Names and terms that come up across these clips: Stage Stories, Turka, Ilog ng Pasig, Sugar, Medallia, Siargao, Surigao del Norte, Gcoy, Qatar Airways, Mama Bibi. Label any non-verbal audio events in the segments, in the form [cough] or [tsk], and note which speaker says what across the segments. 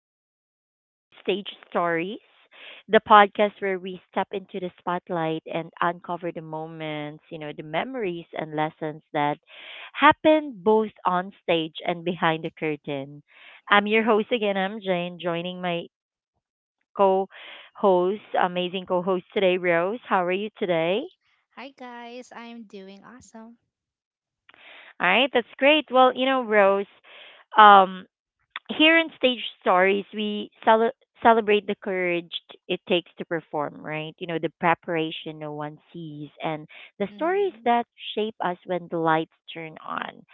Speaker 1: and welcome to Stage Stories, the podcast where we step into the spotlight and uncover the moments, the memories and lessons that happen both on stage and behind the curtain. I'm your host again, I'm Jane, joining my co host, amazing co host today, Rose. How are you today?
Speaker 2: Hi guys, I'm doing awesome.
Speaker 1: All right, that's great. Well, you know, Rose. Um, here in Stage Stories, celebrate the courage it takes to perform, right? You know, the preparation no one sees and the stories
Speaker 2: Hmm.
Speaker 1: that shape us when the lights turn on.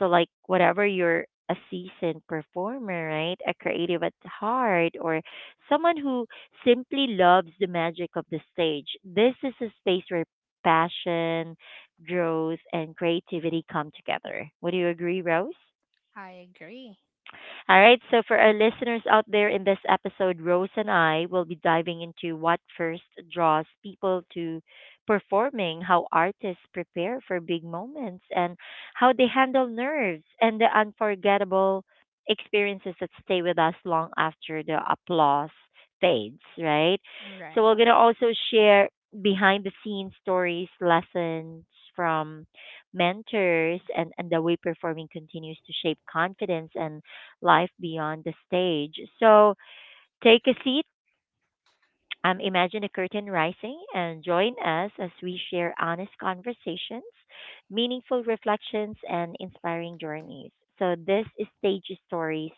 Speaker 1: So, like, whatever you're a seasoned performer, right? A creative at heart, or someone who simply loves the magic of the stage, this is a space where passion, growth, and creativity come together. Would you agree, Rose?
Speaker 2: I agree.
Speaker 1: All right. So, for our listeners out there in this episode, Rose and I will be diving into what first draws people to performing, how artists prepare for big moments, and how they handle nerves and the unforgettable experiences that stay with us long after the applause fades, right?
Speaker 2: All
Speaker 1: So,
Speaker 2: right.
Speaker 1: we're going to also share behind the scenes stories, lessons from mentors, and the way performing continues to shape confidence and life beyond the stage. So take a seat, imagine a curtain rising, and join us as we share honest conversations, meaningful reflections, and inspiring journeys. So this is Stage Stories,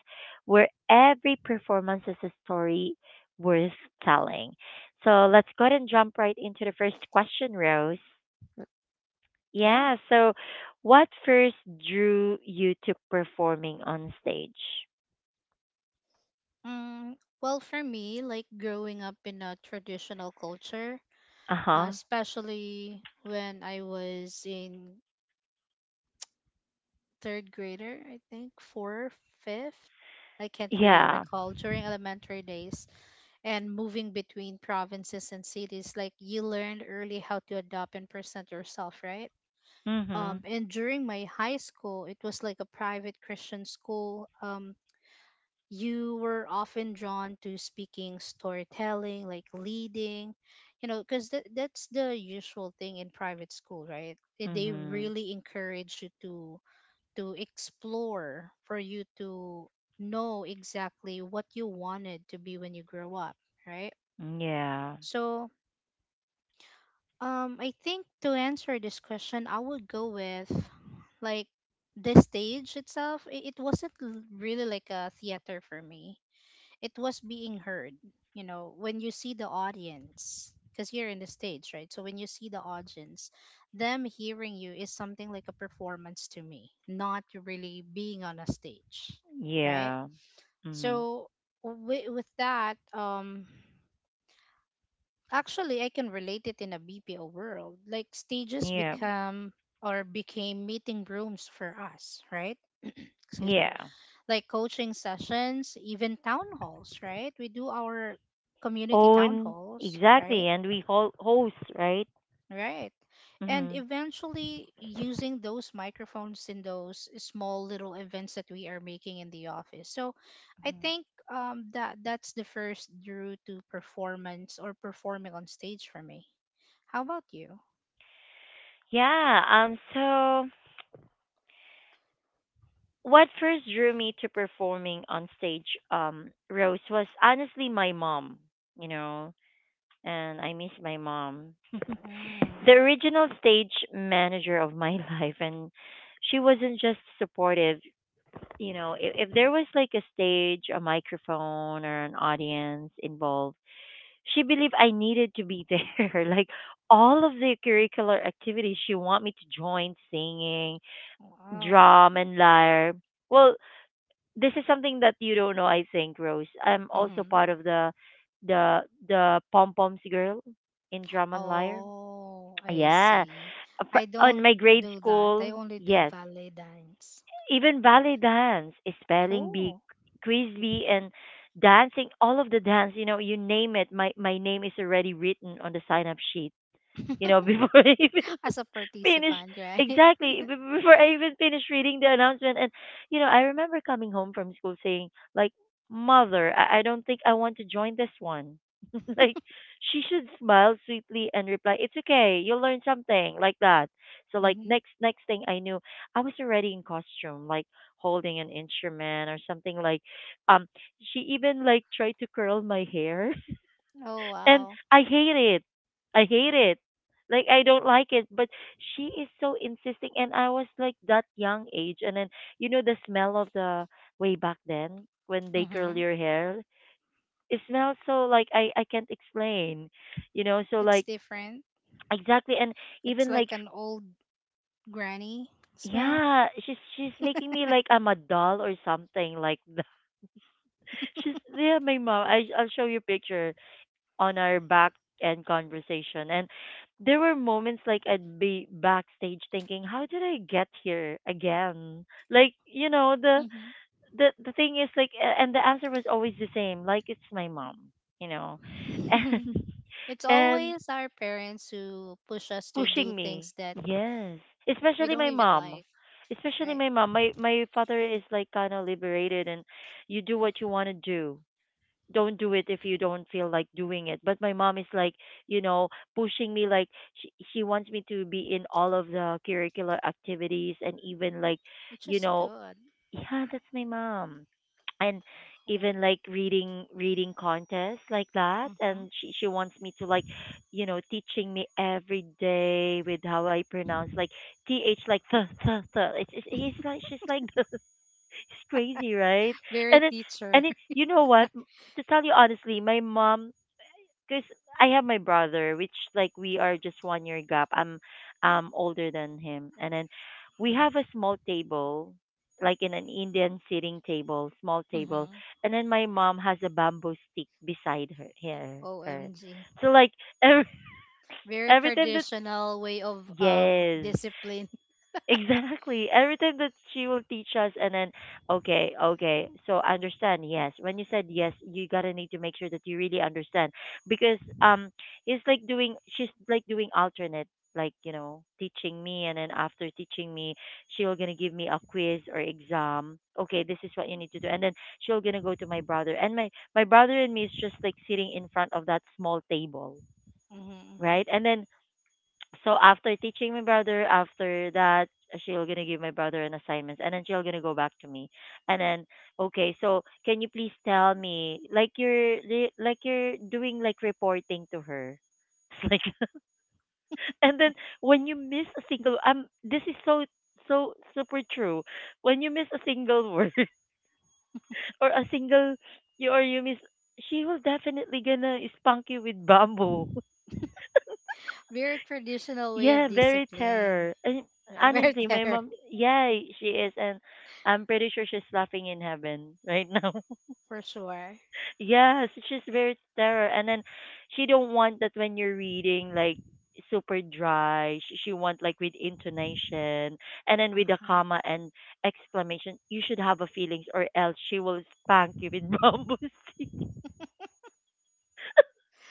Speaker 1: where every performance is a story worth telling. So let's go ahead and jump right into the first question, Rose.
Speaker 2: Yeah.
Speaker 1: Yeah, so what first drew you to performing on stage?
Speaker 2: Mm, well, for me, like growing up in a traditional culture,
Speaker 1: Uh huh.
Speaker 2: especially when I was in third grader, I think fourth, fifth. I can't really
Speaker 1: Yeah.
Speaker 2: recall during elementary days and moving between provinces and cities. Like you learned early how to adopt and present yourself, right?
Speaker 1: Mhm.
Speaker 2: And during my high school, it was like a private Christian school. You were often drawn to speaking, storytelling, like leading, you know, because that's the usual thing in private school, right? They
Speaker 1: Mhm.
Speaker 2: really encourage you to explore, for you to know exactly what you wanted to be when you grow up, right?
Speaker 1: Yeah.
Speaker 2: So I think to answer this question, I would go with like the stage itself. It wasn't really like a theater for me. It was being heard. You know, when you see the audience, because you're in the stage, right? So when you see the audience, them hearing you is something like a performance to me, not really being on a stage, right?
Speaker 1: Yeah. Mhm.
Speaker 2: So with that, Actually, I can relate it in a BPO world. Like stages
Speaker 1: Yeah.
Speaker 2: become or became meeting rooms for us, right? [clears throat] Excuse me.
Speaker 1: Yeah.
Speaker 2: Like coaching sessions, even town halls, right? We do our community town
Speaker 1: Own
Speaker 2: halls,
Speaker 1: exactly,
Speaker 2: right?
Speaker 1: and host, right?
Speaker 2: Right. And
Speaker 1: Mhm.
Speaker 2: eventually using those microphones in those small little events that we are making in the office. So I think that's the first route to performance or performing on stage for me. How about you?
Speaker 1: Yeah. So, what first drew me to performing on stage, Rose, was honestly my mom. You know, and I miss my mom, the
Speaker 2: Mm,
Speaker 1: original stage manager of my [laughs] life, and she wasn't just supportive. You know, if there was like a stage, a microphone, or an audience involved, she believed I needed to be there. [laughs] Like all of the curricular activities, she want me to join singing,
Speaker 2: wow.
Speaker 1: drum, and lyre. Well, this is something that you don't know, I think, Rose. I'm also
Speaker 2: Mm-hmm.
Speaker 1: part of the the the pom poms girl in drum and lyre.
Speaker 2: Oh, I
Speaker 1: Yeah,
Speaker 2: see. I
Speaker 1: On
Speaker 2: don't
Speaker 1: my grade
Speaker 2: do that. I
Speaker 1: school,
Speaker 2: only do
Speaker 1: yes,
Speaker 2: ballet dance.
Speaker 1: even ballet dance, spelling bee,
Speaker 2: Cool.
Speaker 1: quiz bee, and dancing, all of the dance, you know, you name it, my name is already written on the sign up sheet, you know, [laughs]
Speaker 2: [laughs]
Speaker 1: before I even
Speaker 2: As a
Speaker 1: finish
Speaker 2: participant, right? [laughs]
Speaker 1: exactly before I even finish reading the announcement. And you know, I remember coming home from school saying, like, "Mother, I don't think I want to join this one." [laughs] Like, she should smile sweetly and reply, "It's okay, you'll learn something," like that. So, like
Speaker 2: Mm-hmm.
Speaker 1: next thing I knew, I was already in costume, like holding an instrument or something like um she even like tried to curl my hair
Speaker 2: Oh,
Speaker 1: and
Speaker 2: wow.
Speaker 1: I hate it. I hate it. Like I don't like it, but she is so insisting, and I was like that young age, and then you know the smell of the way back then when they curl
Speaker 2: Mm-hmm.
Speaker 1: your hair, it smells so like I can't explain, you know. So
Speaker 2: It's
Speaker 1: like
Speaker 2: different.
Speaker 1: exactly, and
Speaker 2: It's
Speaker 1: even like
Speaker 2: like an old granny smell.
Speaker 1: yeah, she's making me like I'm a doll or something like that. [laughs] She's yeah, my mom. I'll show you picture on our back end conversation. And there were moments like I'd be backstage thinking, how did I get here again? Like, you know, the
Speaker 2: Mm-hmm.
Speaker 1: the the thing is like and the answer was always the same, like it's my mom, you know. [laughs]
Speaker 2: [laughs]
Speaker 1: And
Speaker 2: It's
Speaker 1: and
Speaker 2: always our parents who push us to do
Speaker 1: pushing me.
Speaker 2: things that
Speaker 1: Yes.
Speaker 2: we
Speaker 1: Especially
Speaker 2: don't
Speaker 1: my
Speaker 2: even
Speaker 1: mom.
Speaker 2: like,
Speaker 1: Especially
Speaker 2: right?
Speaker 1: my mom. My father is like kind of liberated and you do what you want to do, don't do it if you don't feel like doing it, but my mom is like, you know, pushing me like she wants me to be in all of the curricular activities and even like
Speaker 2: Which
Speaker 1: you
Speaker 2: is
Speaker 1: know
Speaker 2: good.
Speaker 1: yeah that's my mom and
Speaker 2: Cool.
Speaker 1: even like reading contests like that
Speaker 2: Mm-hmm.
Speaker 1: and she wants me to like you know teaching me every day with how I pronounce like th like th it's he's like she's like. [laughs] It's crazy, right?
Speaker 2: Very
Speaker 1: And it's
Speaker 2: teacher.
Speaker 1: and it,
Speaker 2: [laughs]
Speaker 1: you know what? To tell you honestly, my mom, because I have my brother, which like we are just 1 year gap. I'm older than him, and then we have a small table, like in an Indian sitting table, small table,
Speaker 2: Mm-hmm.
Speaker 1: and then my mom has a bamboo stick beside her.
Speaker 2: OMG.
Speaker 1: So like every [laughs]
Speaker 2: Very
Speaker 1: every time that
Speaker 2: traditional way of
Speaker 1: yes
Speaker 2: discipline.
Speaker 1: exactly. Everything that she will teach us, and then okay, okay. So I understand. Yes, when you said yes, you gotta need to make sure that you really understand because she's like doing alternate, like you know, teaching me, and then after teaching me, she'll gonna give me a quiz or exam. Okay, this is what you need to do, and then she'll gonna go to my brother, and my brother and me is just like sitting in front of that small table,
Speaker 2: [laughs]
Speaker 1: right?
Speaker 2: Mm-hmm.
Speaker 1: And then so after teaching my brother after that she'll gonna give my brother an assignment and then she'll gonna go back to me and then okay so can you please tell me like like you're doing like reporting to her. [laughs] It's like. [laughs] And then when you miss a single this is so so super true, when you miss a single word [laughs] or a single you or you miss, she will definitely gonna spunk you with bamboo.
Speaker 2: Very traditional way of
Speaker 1: Yeah, very
Speaker 2: discipline.
Speaker 1: terror. And
Speaker 2: Yeah, very
Speaker 1: honestly,
Speaker 2: [laughs]
Speaker 1: my
Speaker 2: there
Speaker 1: mom, yeah, she is, and I'm pretty sure she's laughing in heaven right now.
Speaker 2: for sure.
Speaker 1: [laughs] Yes, she's very terror, and then she don't want that when you're reading like super dry. She want like with intonation, and then with a
Speaker 2: Uh-huh.
Speaker 1: comma and exclamation. You should have a feelings, or else she will spank you with [laughs] bamboo stick.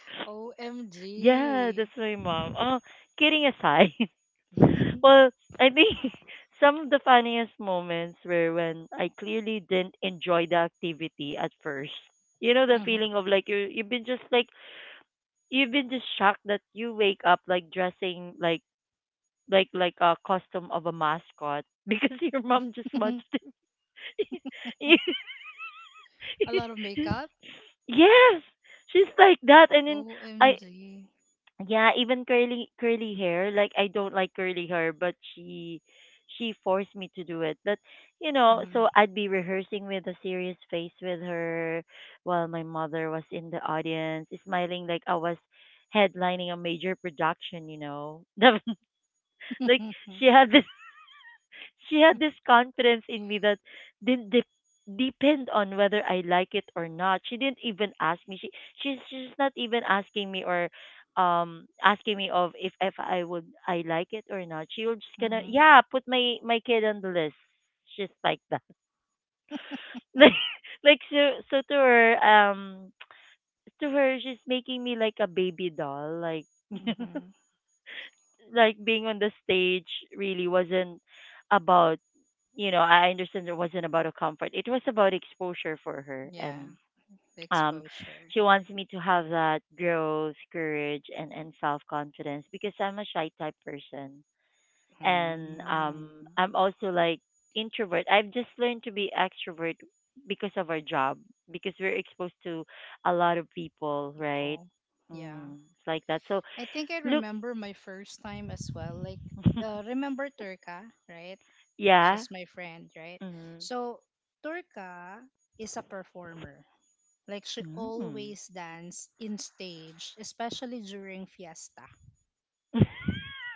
Speaker 1: [laughs] Yeah, that's
Speaker 2: OMG.
Speaker 1: my mom. Oh, kidding aside.
Speaker 2: [laughs]
Speaker 1: Well, I think [laughs] some of the funniest moments were when I clearly didn't enjoy the activity at first. You know the feeling of like you've been just shocked that you wake up like dressing like a costume of a mascot [laughs] because your mom just
Speaker 2: Mm-hmm.
Speaker 1: wants to.
Speaker 2: [laughs] A lot
Speaker 1: [laughs]
Speaker 2: of makeup.
Speaker 1: Yes, she's like that and then I
Speaker 2: OMG.
Speaker 1: yeah, even curly hair. Like I don't like curly hair, but she forced me to do it. But you know, so
Speaker 2: Mm-hmm.
Speaker 1: I'd be rehearsing with a serious face with her while my mother was in the audience, smiling like I was headlining a major production, you know. [laughs] Like she
Speaker 2: [laughs]
Speaker 1: had this she had this confidence in me that didn't de- depend on whether I like it or not. She didn't even ask me. She's not even asking me or asking me of if I would I like it or not. She was just gonna
Speaker 2: Mm-hmm.
Speaker 1: yeah put my kid on the list. Just like that. [laughs] Like so to her she's making me like a baby doll like [laughs]
Speaker 2: Mm-hmm.
Speaker 1: like being on the stage really wasn't about you know, I understand it wasn't about a comfort. It was about exposure for her
Speaker 2: Yeah,
Speaker 1: and
Speaker 2: the
Speaker 1: um
Speaker 2: exposure.
Speaker 1: she wants me to have that growth, courage and self confidence because I'm a shy type person. And
Speaker 2: Mm.
Speaker 1: I'm also like introvert. I've just learned to be extrovert because of our job, because we're exposed to a lot of people, right?
Speaker 2: People. Yeah.
Speaker 1: Mm, it's like that. So
Speaker 2: I think I
Speaker 1: look.
Speaker 2: remember my first time as well. Like,
Speaker 1: [laughs]
Speaker 2: remember Turka, right?
Speaker 1: Yeah.
Speaker 2: She's my friend, right?
Speaker 1: Mm-hmm.
Speaker 2: So, Turka is a performer. Like, she always dance in stage, especially during fiesta,
Speaker 1: Mm.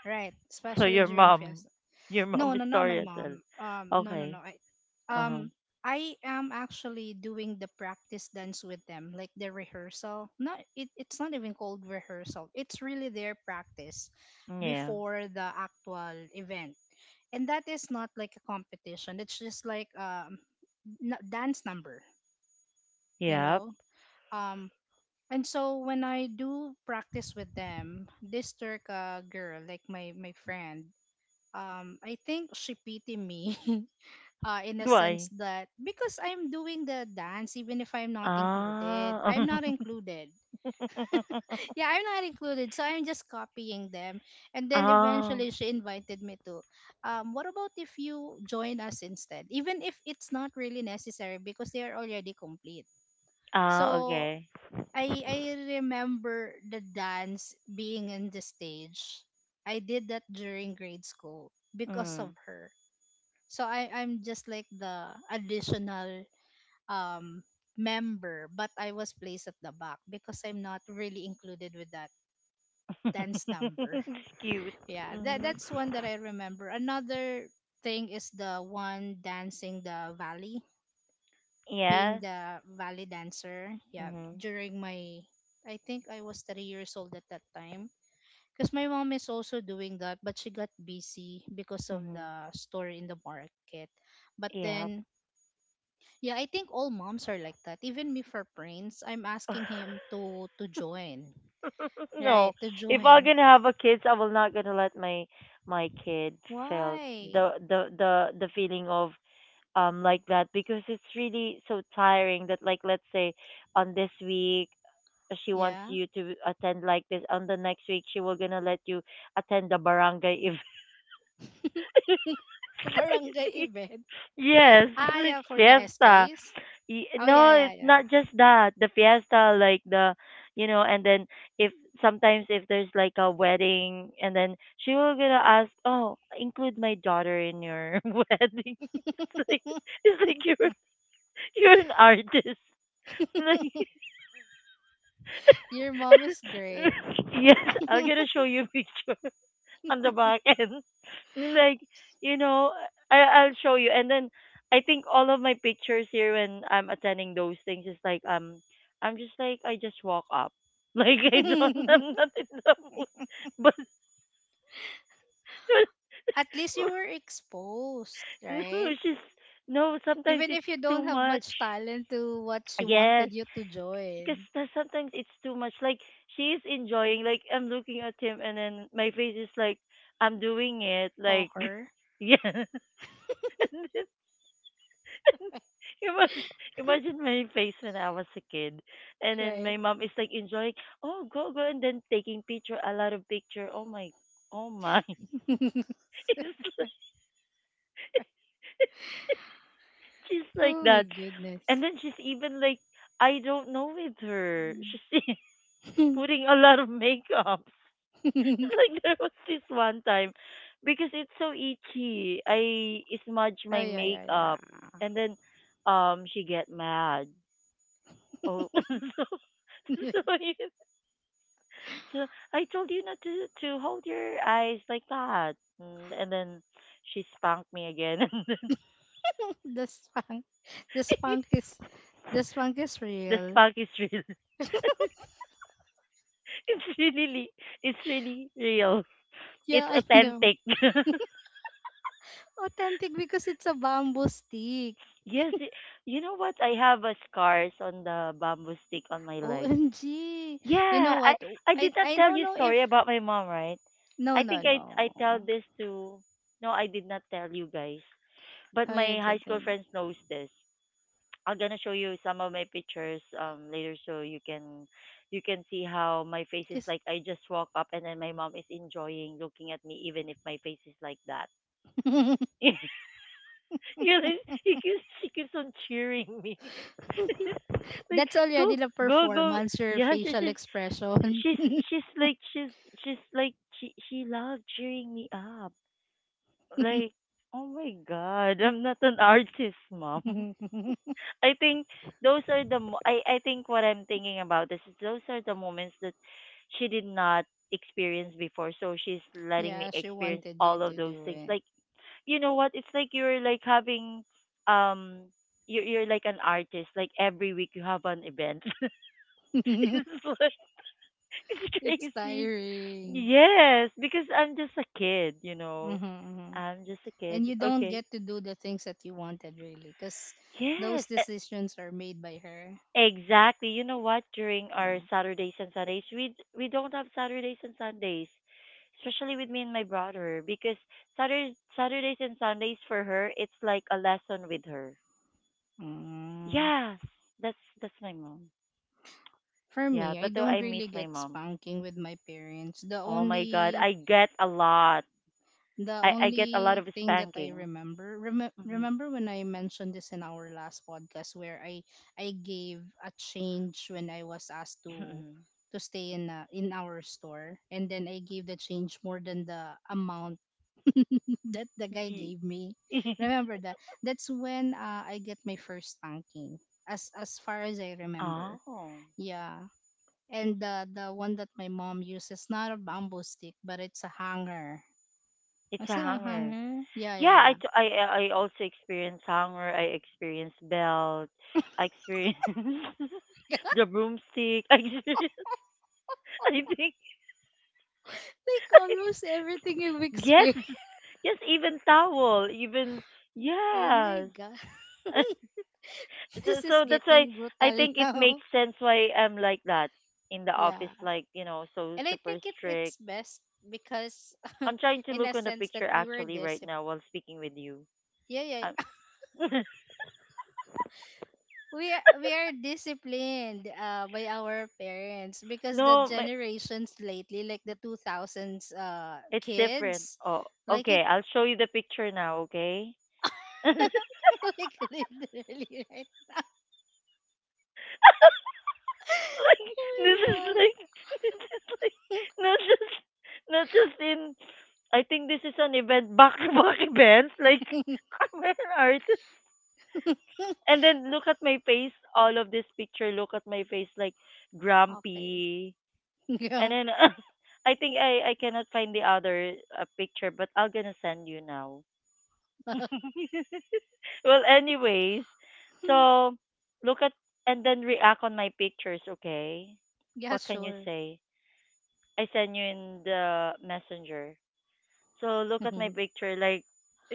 Speaker 2: right?
Speaker 1: So
Speaker 2: Especially during fiesta.
Speaker 1: your
Speaker 2: No,
Speaker 1: mom is
Speaker 2: no, not my
Speaker 1: Taurus as
Speaker 2: mom.
Speaker 1: well.
Speaker 2: No, no,
Speaker 1: Okay.
Speaker 2: no.
Speaker 1: Uh-huh.
Speaker 2: Um, I am actually doing the practice dance with them, like the rehearsal. Not it, it's not even called rehearsal. It's really their practice
Speaker 1: Yeah.
Speaker 2: before the actual event, and that is not like a competition. It's just like dance number, you
Speaker 1: Yep.
Speaker 2: know. Um, and so when I do practice with them, this Turk girl, like my friend, I think she pitied me. [laughs] In a sense
Speaker 1: Why?
Speaker 2: that because I'm doing the dance, even if I'm not included, I'm
Speaker 1: Ah.
Speaker 2: not included.
Speaker 1: [laughs]
Speaker 2: [laughs] Yeah, I'm not included. So I'm just copying them. And then
Speaker 1: Ah.
Speaker 2: eventually she invited me to, what about if you join us instead? Even if it's not really necessary because they are already complete.
Speaker 1: Ah,
Speaker 2: So
Speaker 1: okay.
Speaker 2: I remember the dance being in the stage. I did that during grade school because of
Speaker 1: Mm.
Speaker 2: her. So I'm just like the additional um member, but I was placed at the back because I'm not really included with that dance number.
Speaker 1: [laughs] It's cute.
Speaker 2: [laughs] Yeah, that that's
Speaker 1: Mm-hmm.
Speaker 2: one that I remember. Another thing is the one dancing the valley, being
Speaker 1: Yeah.
Speaker 2: the valley dancer, yeah,
Speaker 1: Mhm.
Speaker 2: during my, I think I was 3 years old at that time because my mom is also doing that, but she got busy because of
Speaker 1: Mhm.
Speaker 2: the store in the market. But
Speaker 1: Yeah.
Speaker 2: then, yeah, I think all moms are like that. Even me for Prince, I'm asking him
Speaker 1: [laughs]
Speaker 2: to join.
Speaker 1: No.
Speaker 2: Right, to
Speaker 1: If I'm
Speaker 2: join.
Speaker 1: gonna have a kids, I will not gonna let my my kid felt
Speaker 2: Why?
Speaker 1: the feeling of like that, because it's really so tiring that like let's say on this week she wants
Speaker 2: Yeah.
Speaker 1: you to attend like this, on the next week she will gonna let you attend the barangay if.
Speaker 2: [laughs]
Speaker 1: [laughs]
Speaker 2: Barangay
Speaker 1: Crazy.
Speaker 2: event.
Speaker 1: Yes,
Speaker 2: Ah, yeah,
Speaker 1: it's
Speaker 2: for the S
Speaker 1: fiesta.
Speaker 2: SKs. Oh, yeah,
Speaker 1: No,
Speaker 2: yeah,
Speaker 1: it's
Speaker 2: yeah.
Speaker 1: not just that the fiesta like the you know. And then if sometimes if there's like a wedding and then she will gonna ask, oh include my daughter in your [laughs] wedding. [laughs] It's like you. [laughs] You're an artist. [laughs] Like,
Speaker 2: [laughs] Your mom is great.
Speaker 1: [laughs] yes, I'm
Speaker 2: [laughs]
Speaker 1: gonna show you a picture [laughs] on the back end. [laughs] Like, you know, I I'll show you. And then I think all of my pictures here when I'm attending those things is like I'm just like I just walk up. [laughs] Like I'm not in the mood. [laughs] But [laughs]
Speaker 2: At least you were exposed,
Speaker 1: no,
Speaker 2: right?
Speaker 1: it's just no, sometimes
Speaker 2: Even
Speaker 1: it's
Speaker 2: if you
Speaker 1: too
Speaker 2: don't have
Speaker 1: much.
Speaker 2: much talent to what she
Speaker 1: Yes,
Speaker 2: wanted you to join,
Speaker 1: because sometimes it's too much. Like she's enjoying. Like I'm looking at him, and then my face is like I'm doing it. Like [laughs]
Speaker 2: poker,
Speaker 1: yeah. [laughs] And then imagine, imagine my face when I was a kid, and then
Speaker 2: right?
Speaker 1: my mom is like enjoying. Oh, go go, and then taking picture, a lot of picture. Oh my, oh my. [laughs]
Speaker 2: [laughs] Oh
Speaker 1: It's like, she's like
Speaker 2: my
Speaker 1: that, and
Speaker 2: goodness.
Speaker 1: then she's even like I don't know with her. She's [laughs]
Speaker 2: Mm.
Speaker 1: putting a lot of makeup.
Speaker 2: [laughs]
Speaker 1: [laughs] Like there was this one time because it's so itchy. I smudge
Speaker 2: Oh
Speaker 1: my
Speaker 2: yeah, yeah,
Speaker 1: makeup
Speaker 2: yeah.
Speaker 1: and then she get mad. Oh [laughs] so,
Speaker 2: [laughs]
Speaker 1: I- so I told you not to hold your eyes like that. And then she spanked me again [laughs] and then
Speaker 2: The spunk, the spunk is, the spunk is
Speaker 1: the
Speaker 2: real.
Speaker 1: spank is real. [laughs] It's really li- it's really real. It's
Speaker 2: Yeah, I know.
Speaker 1: authentic. [laughs]
Speaker 2: Authentic because it's a bamboo stick.
Speaker 1: Yes, it, you know what? I have a scars on the bamboo stick on my leg.
Speaker 2: OMG. You
Speaker 1: Yeah,
Speaker 2: know what?
Speaker 1: I did not
Speaker 2: I
Speaker 1: tell
Speaker 2: don't
Speaker 1: you
Speaker 2: know if
Speaker 1: story about my mom, right?
Speaker 2: no
Speaker 1: I
Speaker 2: no
Speaker 1: think I
Speaker 2: no.
Speaker 1: tell this to No, I did not tell you guys. But
Speaker 2: No you
Speaker 1: my high school
Speaker 2: didn't.
Speaker 1: friends knows this. I'm gonna show you some of my pictures later so you can see how my face is
Speaker 2: Cause
Speaker 1: like I just walk up and then my mom is enjoying looking at me even if my face is like that.
Speaker 2: [laughs]
Speaker 1: [laughs] You know, she keeps on cheering me. [laughs] Like
Speaker 2: that's
Speaker 1: go
Speaker 2: already the
Speaker 1: go go.
Speaker 2: performance, your
Speaker 1: Yeah,
Speaker 2: facial expression.
Speaker 1: she's
Speaker 2: [laughs]
Speaker 1: she's like she loved cheering me up. Like, oh my god, [laughs] I'm not an artist, mom. [laughs] I think those are the mo- I think what I'm thinking about is those are the moments that she did not experience before. So she's letting me
Speaker 2: Yeah, she
Speaker 1: experience
Speaker 2: wanted you
Speaker 1: all of
Speaker 2: to
Speaker 1: those
Speaker 2: do
Speaker 1: things.
Speaker 2: it.
Speaker 1: Like, you know what? It's like you're like having um you're like an artist. Like every week you have an event. [laughs] It's
Speaker 2: [laughs]
Speaker 1: like [laughs] it's
Speaker 2: It's
Speaker 1: crazy.
Speaker 2: tiring.
Speaker 1: Yes, because I'm just a kid, you know.
Speaker 2: Mm-hmm, mm-hmm.
Speaker 1: I'm just a kid.
Speaker 2: And you don't
Speaker 1: Okay.
Speaker 2: get to do the things that you wanted, really, because
Speaker 1: Yes,
Speaker 2: those
Speaker 1: e-
Speaker 2: decisions are made by her.
Speaker 1: exactly. You know what? During our
Speaker 2: Yeah.
Speaker 1: Saturdays and Sundays, we don't have Saturdays and Sundays, especially with me and my brother, because Saturdays and Sundays for her, it's like a lesson with her.
Speaker 2: Mm.
Speaker 1: Yes, that's my mom.
Speaker 2: For
Speaker 1: Yeah,
Speaker 2: me, I
Speaker 1: but though
Speaker 2: don't
Speaker 1: I miss
Speaker 2: really
Speaker 1: my
Speaker 2: get
Speaker 1: mom.
Speaker 2: spanking with my parents. The
Speaker 1: Oh my God,
Speaker 2: only
Speaker 1: I get a lot.
Speaker 2: the
Speaker 1: I get a lot
Speaker 2: only
Speaker 1: of
Speaker 2: thing that I
Speaker 1: spanking.
Speaker 2: remember
Speaker 1: Mm-hmm.
Speaker 2: remember when I mentioned this in our last podcast where I gave a change when I was asked to
Speaker 1: Mhm.
Speaker 2: stay in a, in our store, and then I gave the change more than the amount that the guy
Speaker 1: Ye-
Speaker 2: gave me.
Speaker 1: [laughs]
Speaker 2: Remember that? That's when I get my first spanking, as far as I remember.
Speaker 1: oh,
Speaker 2: Yeah, and the one that my mom uses not a bamboo stick, but it's a hanger.
Speaker 1: it's
Speaker 2: Is
Speaker 1: a
Speaker 2: it a
Speaker 1: hunger.
Speaker 2: hanger? Yeah, yeah,
Speaker 1: Yeah, I,
Speaker 2: yeah.
Speaker 1: t- I also experience hunger. I experience belt. I experience [laughs] the broomstick. I experience. [laughs] I think
Speaker 2: Like almost everything you've
Speaker 1: yes,
Speaker 2: experienced. [laughs]
Speaker 1: yes. Even towel. Even
Speaker 2: Oh my
Speaker 1: yes.
Speaker 2: god, [laughs]
Speaker 1: [laughs] so
Speaker 2: this
Speaker 1: so
Speaker 2: is
Speaker 1: that's why
Speaker 2: getting
Speaker 1: I
Speaker 2: brutal
Speaker 1: think
Speaker 2: [laughs]
Speaker 1: it
Speaker 2: now.
Speaker 1: makes sense why I'm like that in the office.
Speaker 2: Yeah,
Speaker 1: Like you know, so
Speaker 2: and I
Speaker 1: super
Speaker 2: think it it's
Speaker 1: strict.
Speaker 2: best because
Speaker 1: I'm trying
Speaker 2: [laughs]
Speaker 1: to
Speaker 2: in a
Speaker 1: look on the
Speaker 2: sense that
Speaker 1: picture
Speaker 2: we were
Speaker 1: actually right
Speaker 2: disciplined.
Speaker 1: now while speaking with you.
Speaker 2: Yeah, yeah.
Speaker 1: [laughs]
Speaker 2: We are disciplined by our parents because the
Speaker 1: No, my,
Speaker 2: generations lately, like the 2000s
Speaker 1: it's different.
Speaker 2: kids,
Speaker 1: Oh,
Speaker 2: like it.
Speaker 1: okay. I'll show you the picture now, okay? [laughs] Like
Speaker 2: [laughs] Like literally right. [laughs]
Speaker 1: this is
Speaker 2: Oh my
Speaker 1: like [laughs] this is like not just not just in. I think this is an event [laughs] back to back events like [laughs] I'm an artist,
Speaker 2: god.
Speaker 1: and
Speaker 2: [laughs]
Speaker 1: then look at my face. All of this picture, look at my face like
Speaker 2: Okay,
Speaker 1: grumpy. And
Speaker 2: grandpa.
Speaker 1: then [laughs] I think I cannot find the other picture, but I'll gonna send you now. [laughs] Well, anyways,
Speaker 2: [laughs]
Speaker 1: so look at and then react on my pictures, okay?
Speaker 2: Yeah,
Speaker 1: What can you
Speaker 2: sure. [laughs]
Speaker 1: say? I send you in the messenger. So look at my picture, like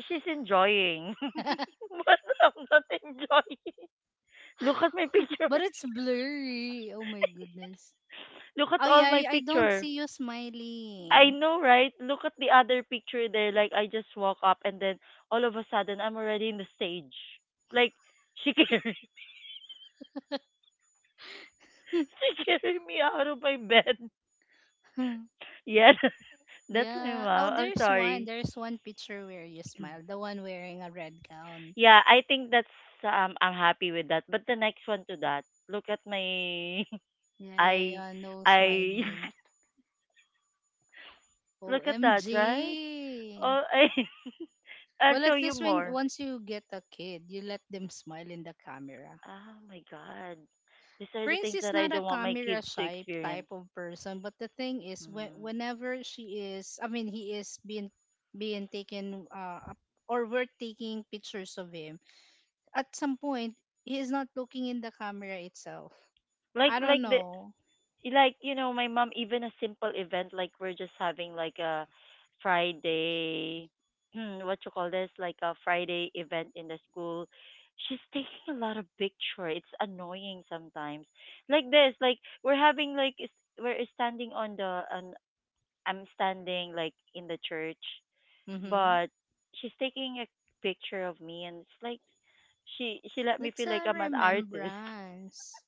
Speaker 1: she's enjoying, [laughs] but I'm not enjoying. Look at my picture.
Speaker 2: But it's blurry, oh my goodness.
Speaker 1: [laughs] Look at
Speaker 2: Oh yeah,
Speaker 1: all my
Speaker 2: I don't
Speaker 1: picture.
Speaker 2: see you
Speaker 1: I
Speaker 2: smiling.
Speaker 1: know, right? Look at the other picture there. Like I just walk up and then all of a sudden I'm already in the stage. Like she carried, [laughs] she carried me out of my bed.
Speaker 2: [laughs]
Speaker 1: [laughs] Yes. That's my
Speaker 2: Yeah. Oh,
Speaker 1: mom. I'm
Speaker 2: there's one.
Speaker 1: sorry.
Speaker 2: There's one picture where you smile.
Speaker 1: [clears throat]
Speaker 2: The one wearing a red gown.
Speaker 1: Yeah, I think that's I'm happy with that. But the next one to that, look at my [laughs]
Speaker 2: Yeah, yeah,
Speaker 1: I
Speaker 2: yeah. No
Speaker 1: I
Speaker 2: smiling.
Speaker 1: [laughs] look at that, right?
Speaker 2: OMG.
Speaker 1: Oh, I [laughs] I'll
Speaker 2: Well,
Speaker 1: show
Speaker 2: at
Speaker 1: you
Speaker 2: least when
Speaker 1: more.
Speaker 2: once you get a kid, you let them smile in the camera.
Speaker 1: Oh my god. These are the
Speaker 2: Prince
Speaker 1: things
Speaker 2: is
Speaker 1: that I
Speaker 2: not a
Speaker 1: don't want my
Speaker 2: camera
Speaker 1: kids to
Speaker 2: shy
Speaker 1: experience.
Speaker 2: type of person, but the thing is, when,
Speaker 1: Mm.
Speaker 2: whenever she is, I mean, he is being being taken or we're taking pictures of him. At some point, he is not looking in the camera itself.
Speaker 1: Like
Speaker 2: I
Speaker 1: like
Speaker 2: don't
Speaker 1: the,
Speaker 2: know.
Speaker 1: like, you know, my mom even a simple event, like we're just having like a friday. [clears throat] What you call this, like a friday event in the school. She's [laughs] taking a lot of picture. It's annoying sometimes, like this, like we're having like is- we're standing on the on, I'm standing like in the church,
Speaker 2: Mm-hmm.
Speaker 1: but she's taking a picture of me, and it's like she let me
Speaker 2: That's
Speaker 1: feel like
Speaker 2: a
Speaker 1: I'm an artist.
Speaker 2: remembrance.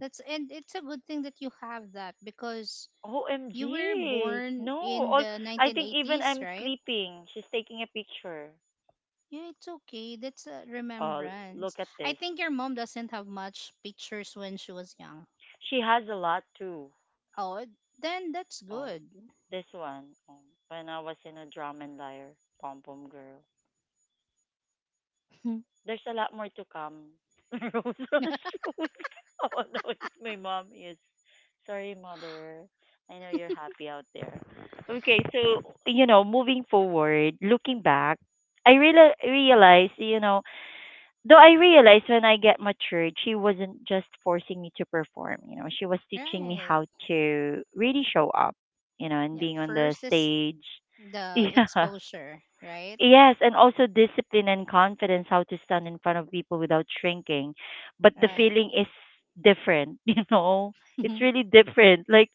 Speaker 2: That's and it's a good thing that you have that because you were
Speaker 1: OMG.
Speaker 2: born
Speaker 1: No.
Speaker 2: in
Speaker 1: All,
Speaker 2: the
Speaker 1: I think even
Speaker 2: 1980s,
Speaker 1: I'm
Speaker 2: right?
Speaker 1: sleeping, she's taking a picture.
Speaker 2: Yeah, it's okay. That's a
Speaker 1: Oh,
Speaker 2: remembrance.
Speaker 1: look at
Speaker 2: I
Speaker 1: this.
Speaker 2: think your mom doesn't have much pictures when she was young.
Speaker 1: She has a lot too.
Speaker 2: Oh, it- then that's
Speaker 1: Oh,
Speaker 2: good.
Speaker 1: this one. Oh, when I was in a drum and lyre, pom pom girl.
Speaker 2: [laughs]
Speaker 1: There's a lot more to come. [laughs] Rose was showing. [laughs] Oh no, it's my mom is. Sorry, mother. I know you're happy out there. Okay, so you know, moving forward, looking back, I real realized, you know, though I realized when I get matured, she wasn't just forcing me to perform. You know, she was teaching me
Speaker 2: Right.
Speaker 1: how to really show up, you know, and
Speaker 2: Yeah,
Speaker 1: being on the
Speaker 2: first is
Speaker 1: stage.
Speaker 2: the
Speaker 1: [laughs] Yeah.
Speaker 2: exposure, right?
Speaker 1: Yes, and also discipline and confidence, how to stand in front of people without shrinking. But the
Speaker 2: Right.
Speaker 1: feeling is different, [laughs] you know? It's
Speaker 2: [laughs]
Speaker 1: really different. Like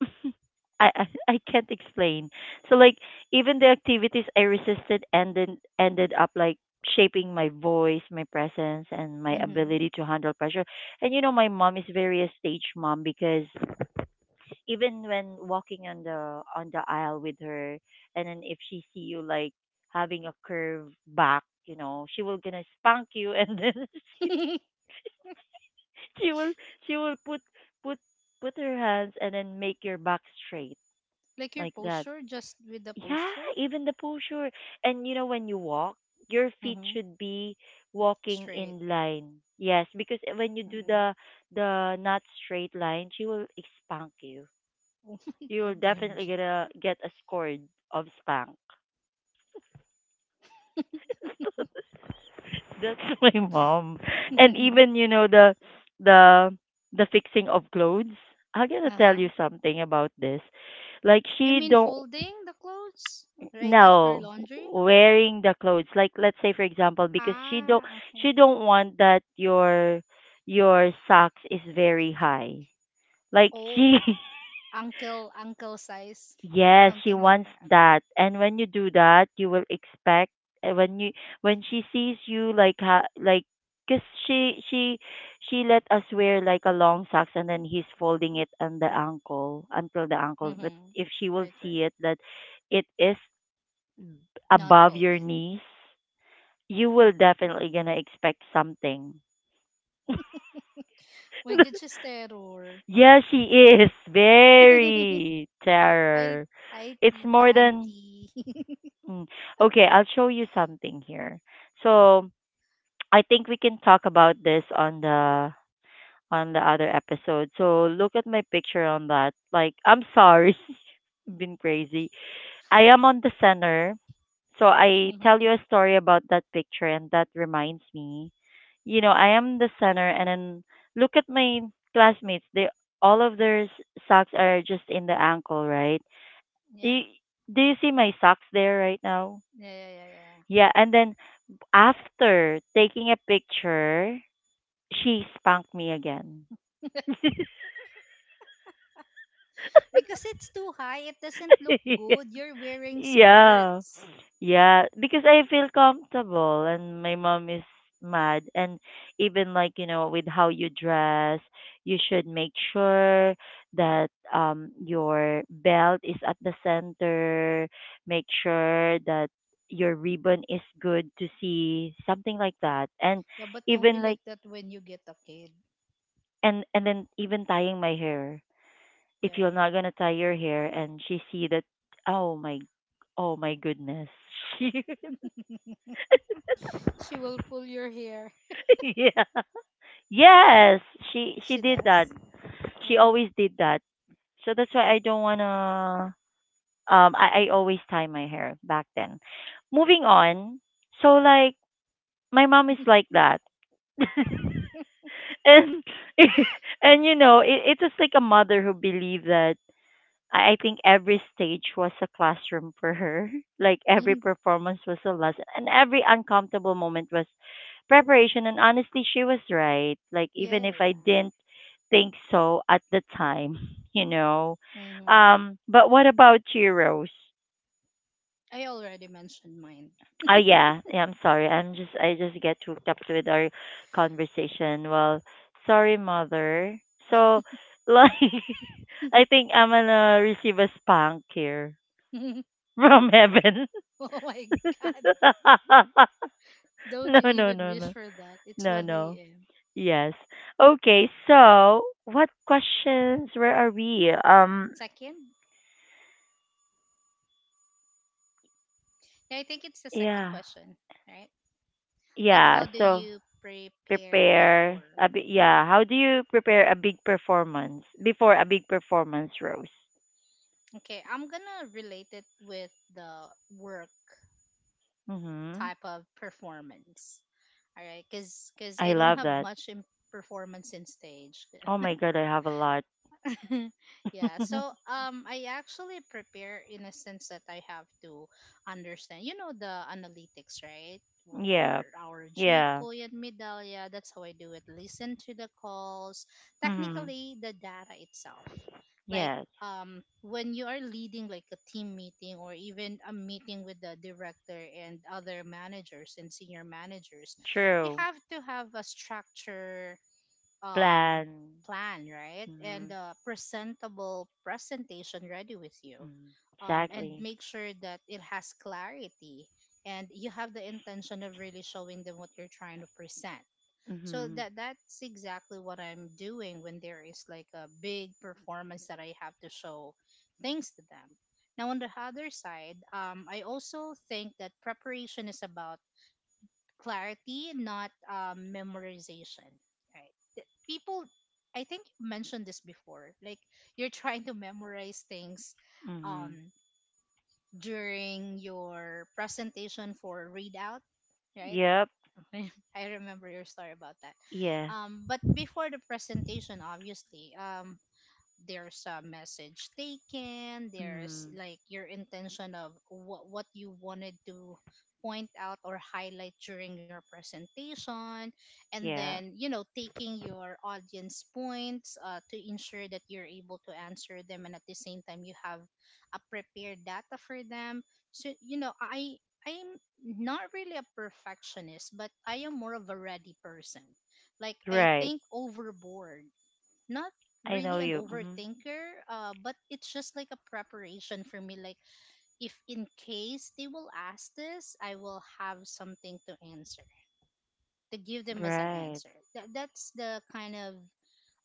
Speaker 1: [laughs] I can't explain. So like even the activities I resisted ended up like shaping my voice, my presence, and my
Speaker 2: Mm-hmm.
Speaker 1: ability to handle pressure. And you know, my mom is very a stage mom, because even when walking on the aisle with her, and then if she see you like having a curve back, you know, she will gonna spank you, and then [laughs] she,
Speaker 2: [laughs]
Speaker 1: she will she will put put put her hands and then make your back straight
Speaker 2: Like your
Speaker 1: like that.
Speaker 2: posture, just with the
Speaker 1: Yeah,
Speaker 2: posture.
Speaker 1: even the posture. And you know, when you walk, your feet
Speaker 2: Mm-hmm.
Speaker 1: should be walking
Speaker 2: Straight.
Speaker 1: in line. Yes, because eh, when you do
Speaker 2: Mm.
Speaker 1: the not straight line, she will spank you.
Speaker 2: Oh [laughs] my
Speaker 1: You will
Speaker 2: god,
Speaker 1: definitely
Speaker 2: MJ.
Speaker 1: get a score of spank. That's [laughs] my mom. And even you know the the fixing of clothes. I'm gonna
Speaker 2: uh,
Speaker 1: tell you something about this. Like
Speaker 2: [laughs] you
Speaker 1: she
Speaker 2: mean
Speaker 1: don't.
Speaker 2: folding the clothes right after
Speaker 1: No,
Speaker 2: laundry?
Speaker 1: wearing the clothes, like let's say for example, because
Speaker 2: Ah, okay.
Speaker 1: she don't want that your socks is very high, like
Speaker 2: Oh,
Speaker 1: she [laughs]
Speaker 2: uncle, uncle size,
Speaker 1: yes,
Speaker 2: something
Speaker 1: she
Speaker 2: like that.
Speaker 1: wants
Speaker 2: Okay.
Speaker 1: that. And when you do that, you will expect uh, when you when she sees you like ha, like because she let us wear like a long socks, and then he's folding it on the ankle until the ankle. But
Speaker 2: Mm-hmm.
Speaker 1: if she
Speaker 2: Right,
Speaker 1: will
Speaker 2: right.
Speaker 1: see it that it is
Speaker 2: Not
Speaker 1: above your
Speaker 2: folded.
Speaker 1: knees, you will definitely gonna expect something. [laughs]
Speaker 2: My good siya terror.
Speaker 1: Yeah, she is
Speaker 2: [laughs]
Speaker 1: very
Speaker 2: Hi,
Speaker 1: terror.
Speaker 2: hi,
Speaker 1: It's
Speaker 2: tita,
Speaker 1: more than
Speaker 2: auntie. [laughs]
Speaker 1: mm. Okay. I'll show you something here. So [tsk] I think we can talk about this on the other episode. So look at my picture on that. Like I'm sorry, [laughs] been crazy. I am on the center. So I tell
Speaker 2: Mhm.
Speaker 1: you a story about that picture, and that reminds me. You know, I am the center, and then look at my classmates. They all of socks are just in the ankle, right?
Speaker 2: Yeah.
Speaker 1: You, do you see my socks there right now?
Speaker 2: Yeah, yeah, yeah, yeah, yeah.
Speaker 1: Yeah, and then after taking a picture, she spanked me again.
Speaker 2: Because it's too high, it doesn't look
Speaker 1: [laughs]
Speaker 2: good. You're wearing
Speaker 1: Yeah.
Speaker 2: skirts.
Speaker 1: Yeah, because I feel comfortable and my mom is mad. And even like, you know, with how you dress, you should make sure that your belt is at the center, make sure that your ribbon is good to see, something like that. And
Speaker 2: Yeah, but don't be
Speaker 1: even like
Speaker 2: like that when you get a kid.
Speaker 1: and then even tying my hair. If you're
Speaker 2: Yeah.
Speaker 1: not gonna tie your hair and she see that, oh my oh my goodness. [laughs]
Speaker 2: [laughs] She will pull your hair.
Speaker 1: She [laughs] yeah. Yes, she
Speaker 2: She
Speaker 1: did that.
Speaker 2: does.
Speaker 1: She
Speaker 2: Oh. [laughs]
Speaker 1: always did that. So that's why I don't wanna. I always tie my hair back then. Moving on. So like my mom is like that. [laughs] And [laughs] and you know it, it's just like a mother who believe that I think every stage was a classroom for her. [laughs] Like every performance was a lesson, and every uncomfortable moment was preparation. And honestly, she was right. Like
Speaker 2: Yeah,
Speaker 1: even
Speaker 2: yeah,
Speaker 1: if I
Speaker 2: yeah.
Speaker 1: didn't think so at the time, [laughs] you know.
Speaker 2: Mm-hmm.
Speaker 1: But what about you, Rose?
Speaker 2: I already mentioned mine.
Speaker 1: Oh yeah, yeah. I'm sorry. I just get hooked up with our conversation. Well, sorry, mother. So, like, [laughs] I think I'm gonna receive a spank here
Speaker 2: [laughs]
Speaker 1: from heaven.
Speaker 2: Oh my god.
Speaker 1: [laughs]
Speaker 2: Don't
Speaker 1: No,
Speaker 2: you
Speaker 1: no,
Speaker 2: even
Speaker 1: no,
Speaker 2: wish
Speaker 1: no,
Speaker 2: for that. It's
Speaker 1: no,
Speaker 2: 1
Speaker 1: no.
Speaker 2: a.m.
Speaker 1: Yes. Okay. So, what questions? Where are we?
Speaker 2: Second? Yeah, I think it's the second
Speaker 1: Yeah.
Speaker 2: question, right? Like, how
Speaker 1: Yeah.
Speaker 2: do
Speaker 1: So
Speaker 2: you prepare
Speaker 1: prepare
Speaker 2: before?
Speaker 1: a big. Yeah. How do you prepare a big performance before
Speaker 2: Like,
Speaker 1: a big performance, Rose?
Speaker 2: okay, I'm gonna relate it with the work
Speaker 1: Mm-hmm.
Speaker 2: type of performance. All right, because I
Speaker 1: I
Speaker 2: don't
Speaker 1: love
Speaker 2: have
Speaker 1: that.
Speaker 2: much in performance in stage.
Speaker 1: Oh
Speaker 2: [laughs]
Speaker 1: my God, I have a lot.
Speaker 2: [laughs] Yeah. So
Speaker 1: [laughs]
Speaker 2: I actually prepare in a sense that I have to understand, you know, the analytics, right? Well,
Speaker 1: Yeah.
Speaker 2: for our
Speaker 1: Yeah.
Speaker 2: Gcoy and Medallia, that's how I do it. Listen to the calls,
Speaker 1: Mm-hmm.
Speaker 2: technically the data itself. Like
Speaker 1: Yes.
Speaker 2: when you are leading like a team meeting or even a meeting with the director and other managers and senior managers, you
Speaker 1: True.
Speaker 2: have to have a structure, um,
Speaker 1: Plan.
Speaker 2: plan, right?
Speaker 1: Mm-hmm.
Speaker 2: And a presentable presentation ready with you.
Speaker 1: Mm,
Speaker 2: And
Speaker 1: exactly.
Speaker 2: make sure that it has clarity and you have the intention of really showing them what you're trying to present. So
Speaker 1: Mhm.
Speaker 2: that's exactly what I'm doing when there is like a big performance that I have to show things to them. Now on the other side, I also think that preparation is about clarity, not memorization. Right? People, I think you mentioned this before. Like you're trying to memorize things
Speaker 1: Mhm.
Speaker 2: um, during your presentation for readout, right?
Speaker 1: Yep.
Speaker 2: [laughs] I remember your story about that.
Speaker 1: Yeah.
Speaker 2: But before the presentation, obviously, there's a message taken there's
Speaker 1: Mm,
Speaker 2: like your intention of what you wanted to point out or highlight during your presentation. And
Speaker 1: yeah.
Speaker 2: then taking your audience points to ensure that you're able to answer them, and at the same time you have a prepared data for them. So I'm not really a perfectionist, but I am more of a ready person, like I
Speaker 1: Right.
Speaker 2: think overboard, not
Speaker 1: I know
Speaker 2: really an
Speaker 1: you. Mhm.
Speaker 2: overthinker, but it's just like a preparation for me. Like, if in case they will ask this, I will have something to answer, to give them as an
Speaker 1: Right.
Speaker 2: answer. That's the kind of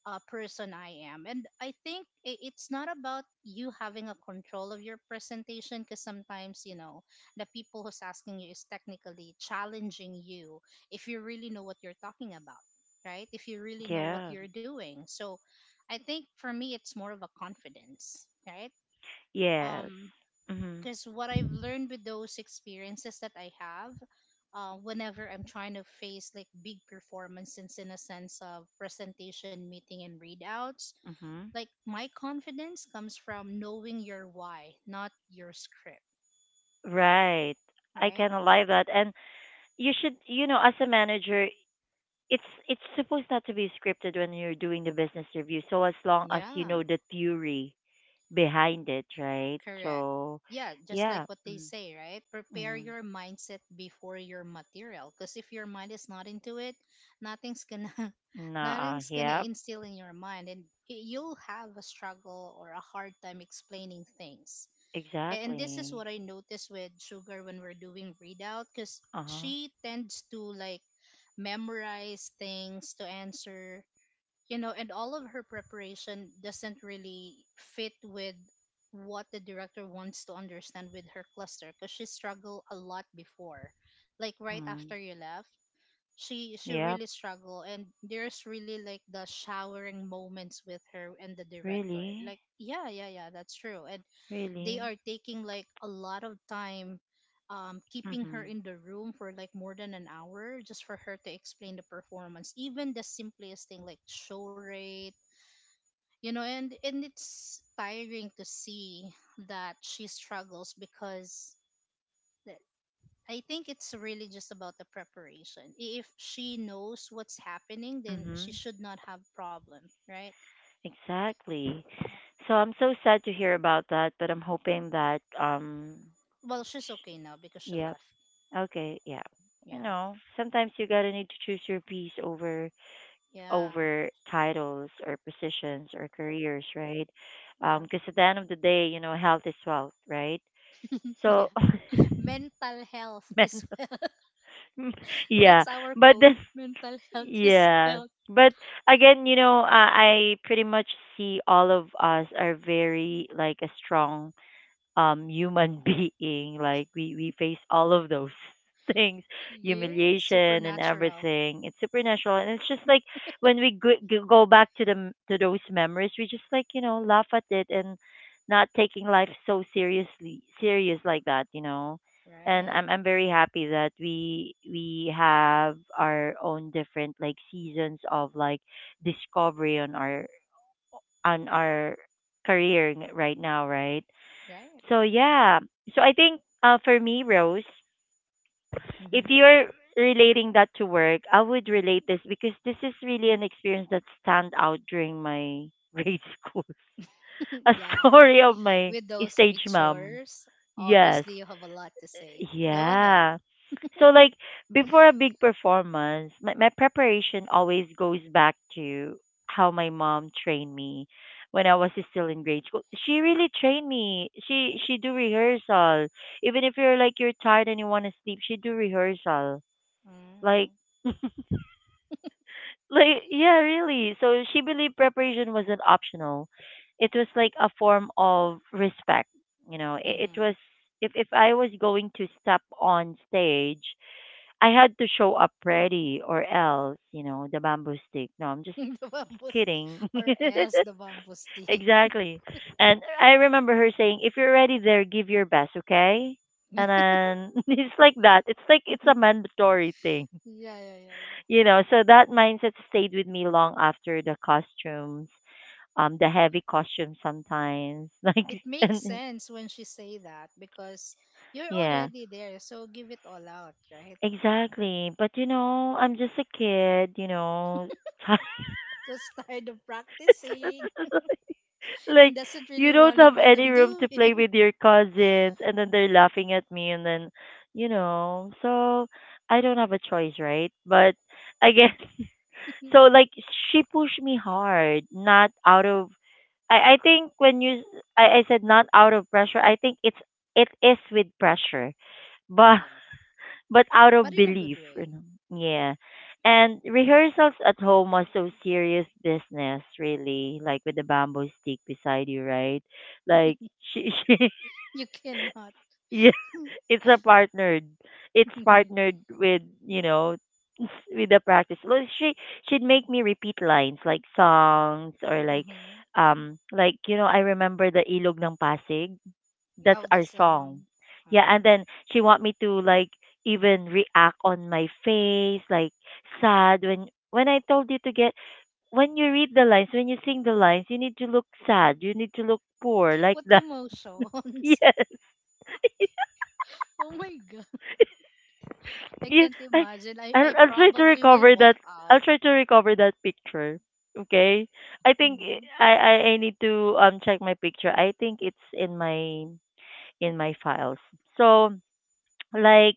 Speaker 2: person I am. And I think it's not about you having a control of your presentation because sometimes, the people who's asking you is technically challenging you if you really know what you're talking about, right? If you really know what
Speaker 1: Yeah.
Speaker 2: you're doing. So I think for me, it's more of a confidence, right?
Speaker 1: Yes.
Speaker 2: Um,
Speaker 1: Mhm.
Speaker 2: because what I've learned with those experiences that I have, whenever I'm trying to face like big performances in a sense of presentation, meeting, and readouts,
Speaker 1: Mhm.
Speaker 2: like my confidence comes from knowing your why, not your script,
Speaker 1: Right. I can
Speaker 2: right?
Speaker 1: alive that, and you should, as a manager it's supposed not to be scripted when you're doing the business review, so as long as you
Speaker 2: Yeah,
Speaker 1: know the theory behind it, right?
Speaker 2: correct.
Speaker 1: So
Speaker 2: Yeah, just like
Speaker 1: yeah.
Speaker 2: what they say,
Speaker 1: Mm-hmm.
Speaker 2: right? Prepare
Speaker 1: Mm-hmm.
Speaker 2: your mindset before your material because if your mind is not into it, nothing's gonna [laughs]
Speaker 1: Nah,
Speaker 2: nothing's gonna
Speaker 1: yeah.
Speaker 2: instill in your mind, and you'll have a struggle or a hard time explaining things. And this is
Speaker 1: Exactly.
Speaker 2: what I noticed with Sugar when we're doing readout because
Speaker 1: Uh-huh.
Speaker 2: she tends to like memorize things to answer, and all of her preparation doesn't really fit with what the director wants to understand with her cluster because she struggled a lot before. Like right
Speaker 1: Hmm.
Speaker 2: after you left, she
Speaker 1: Yep.
Speaker 2: really struggled, and there's really like the showering moments with her and the director.
Speaker 1: Really?
Speaker 2: Like, yeah, yeah, yeah, that's true. And they
Speaker 1: Really?
Speaker 2: are taking like a lot of time keeping her
Speaker 1: Mhm.
Speaker 2: in the room for like more than an hour just for her to explain the performance, even the simplest thing like show rate, and it's tiring to see that she struggles because that- I think it's really just about the preparation. If she knows what's happening, then she
Speaker 1: Mhm.
Speaker 2: should not have problem, right?
Speaker 1: Exactly.
Speaker 2: Yeah.
Speaker 1: So I'm so sad to hear about that, but I'm hoping that,
Speaker 2: Well, she's okay now because she
Speaker 1: yep.
Speaker 2: left.
Speaker 1: Okay, yeah. You
Speaker 2: Yeah,
Speaker 1: know, sometimes you gotta need to choose your piece over
Speaker 2: yeah,
Speaker 1: over titles or positions or careers, right?
Speaker 2: yeah.
Speaker 1: Because at the end of the day, health is wealth, right?
Speaker 2: [laughs] Yeah,
Speaker 1: So
Speaker 2: mental health
Speaker 1: [laughs] mental
Speaker 2: is
Speaker 1: [laughs]
Speaker 2: [laughs]
Speaker 1: yeah,
Speaker 2: that's our
Speaker 1: but
Speaker 2: quote
Speaker 1: then
Speaker 2: mental health [laughs] is
Speaker 1: Yeah.
Speaker 2: health.
Speaker 1: But again, you know, I pretty much see all of us are very, like, a strong human [laughs] being. Like we face all of those [laughs] things,
Speaker 2: Yeah,
Speaker 1: humiliation and
Speaker 2: supernatural.
Speaker 1: everything. It's supernatural, and it's just like when we go back to those memories, we just, like, laugh at it and not taking life so seriously, serious like that, you know. And
Speaker 2: Right.
Speaker 1: I'm very happy that we have our own different, like, seasons of like discovery on our career right now, right?
Speaker 2: Right.
Speaker 1: So yeah. So I think, for me, Rose, if
Speaker 2: Hmm.
Speaker 1: you're relating that to work, I would relate this because this is really an experience that stand out during my grade [laughs] school. A
Speaker 2: [laughs] Yeah, yeah,
Speaker 1: story of my
Speaker 2: with those
Speaker 1: stage mom.
Speaker 2: pictures
Speaker 1: Yes.
Speaker 2: obviously you have a lot to say. Go ahead.
Speaker 1: Yeah. So, like, before a big performance, my preparation always goes back to how my mom trained me when I was still in grade school. She really trained me. She do rehearsal. Even if you're, like, you're tired and you want to sleep, she do rehearsal. Like
Speaker 2: Mm.
Speaker 1: [laughs] like yeah, really. So she believed preparation wasn't optional. It was like a form of respect. You know, it
Speaker 2: Mm-hmm.
Speaker 1: was, if I was going to step on stage I had to show up ready, or else, you know, the bamboo stick. No, I'm
Speaker 2: [laughs]
Speaker 1: just,
Speaker 2: the
Speaker 1: just
Speaker 2: bamboo
Speaker 1: kidding.
Speaker 2: st- or else the bamboo
Speaker 1: [laughs]
Speaker 2: stick.
Speaker 1: Exactly. And I remember her saying, if you're already there, give your best, okay?
Speaker 2: [laughs]
Speaker 1: And then [laughs] it's like that. It's like it's a mandatory thing,
Speaker 2: Yeah, yeah, yeah, yeah,
Speaker 1: you know. So that mindset stayed with me long after the costumes, the heavy costumes sometimes. [laughs] Like,
Speaker 2: it makes
Speaker 1: and and-
Speaker 2: sense when she say that because you're
Speaker 1: yeah,
Speaker 2: already there, so give it all out, right?
Speaker 1: exactly. But I'm just a kid.
Speaker 2: [laughs] Because tired of practicing
Speaker 1: [laughs] Like,
Speaker 2: and doesn't
Speaker 1: you
Speaker 2: really
Speaker 1: don't
Speaker 2: wanted
Speaker 1: have
Speaker 2: what
Speaker 1: any
Speaker 2: I'm
Speaker 1: room to play
Speaker 2: doing.
Speaker 1: with your cousins, and then they're laughing at me, and then so I don't have a choice, right, but I guess [laughs] so,
Speaker 2: [laughs]
Speaker 1: like, she pushed me hard not out of— I think when you I said, not out of pressure. I think it's— it is with pressure,
Speaker 2: Yeah,
Speaker 1: but
Speaker 2: yeah, yeah.
Speaker 1: but out of
Speaker 2: But in a good
Speaker 1: belief, you
Speaker 2: way.
Speaker 1: know. Yeah. And rehearsals at home are so serious business, really. Like with the bamboo stick beside you, right? Like [laughs] she,
Speaker 2: You cannot.
Speaker 1: yeah,
Speaker 2: [laughs]
Speaker 1: it's a partnered. It's
Speaker 2: Mm-hmm.
Speaker 1: partnered with, [laughs] with the practice. Like she'd make me repeat lines, like songs or like I remember the Ilog ng Pasig, that's
Speaker 2: Oh, the
Speaker 1: our song.
Speaker 2: song.
Speaker 1: Yeah, and
Speaker 2: Um,
Speaker 1: then she want me to, like, even react on my face, like sad when I told you to get when you read the lines, when you sing the lines, you need to look sad. You need to look poor like
Speaker 2: What
Speaker 1: that. [laughs]
Speaker 2: emotions?
Speaker 1: Yes.
Speaker 2: [laughs] Oh my god, I
Speaker 1: Yeah.
Speaker 2: can't
Speaker 1: I
Speaker 2: imagine. I,
Speaker 1: I'll,
Speaker 2: I
Speaker 1: I'll try to
Speaker 2: probably will
Speaker 1: recover that.
Speaker 2: walk
Speaker 1: I'll
Speaker 2: out.
Speaker 1: try to recover that picture. Okay. I think
Speaker 2: Mm-hmm.
Speaker 1: I need to check my picture. I think it's in my files. So, like,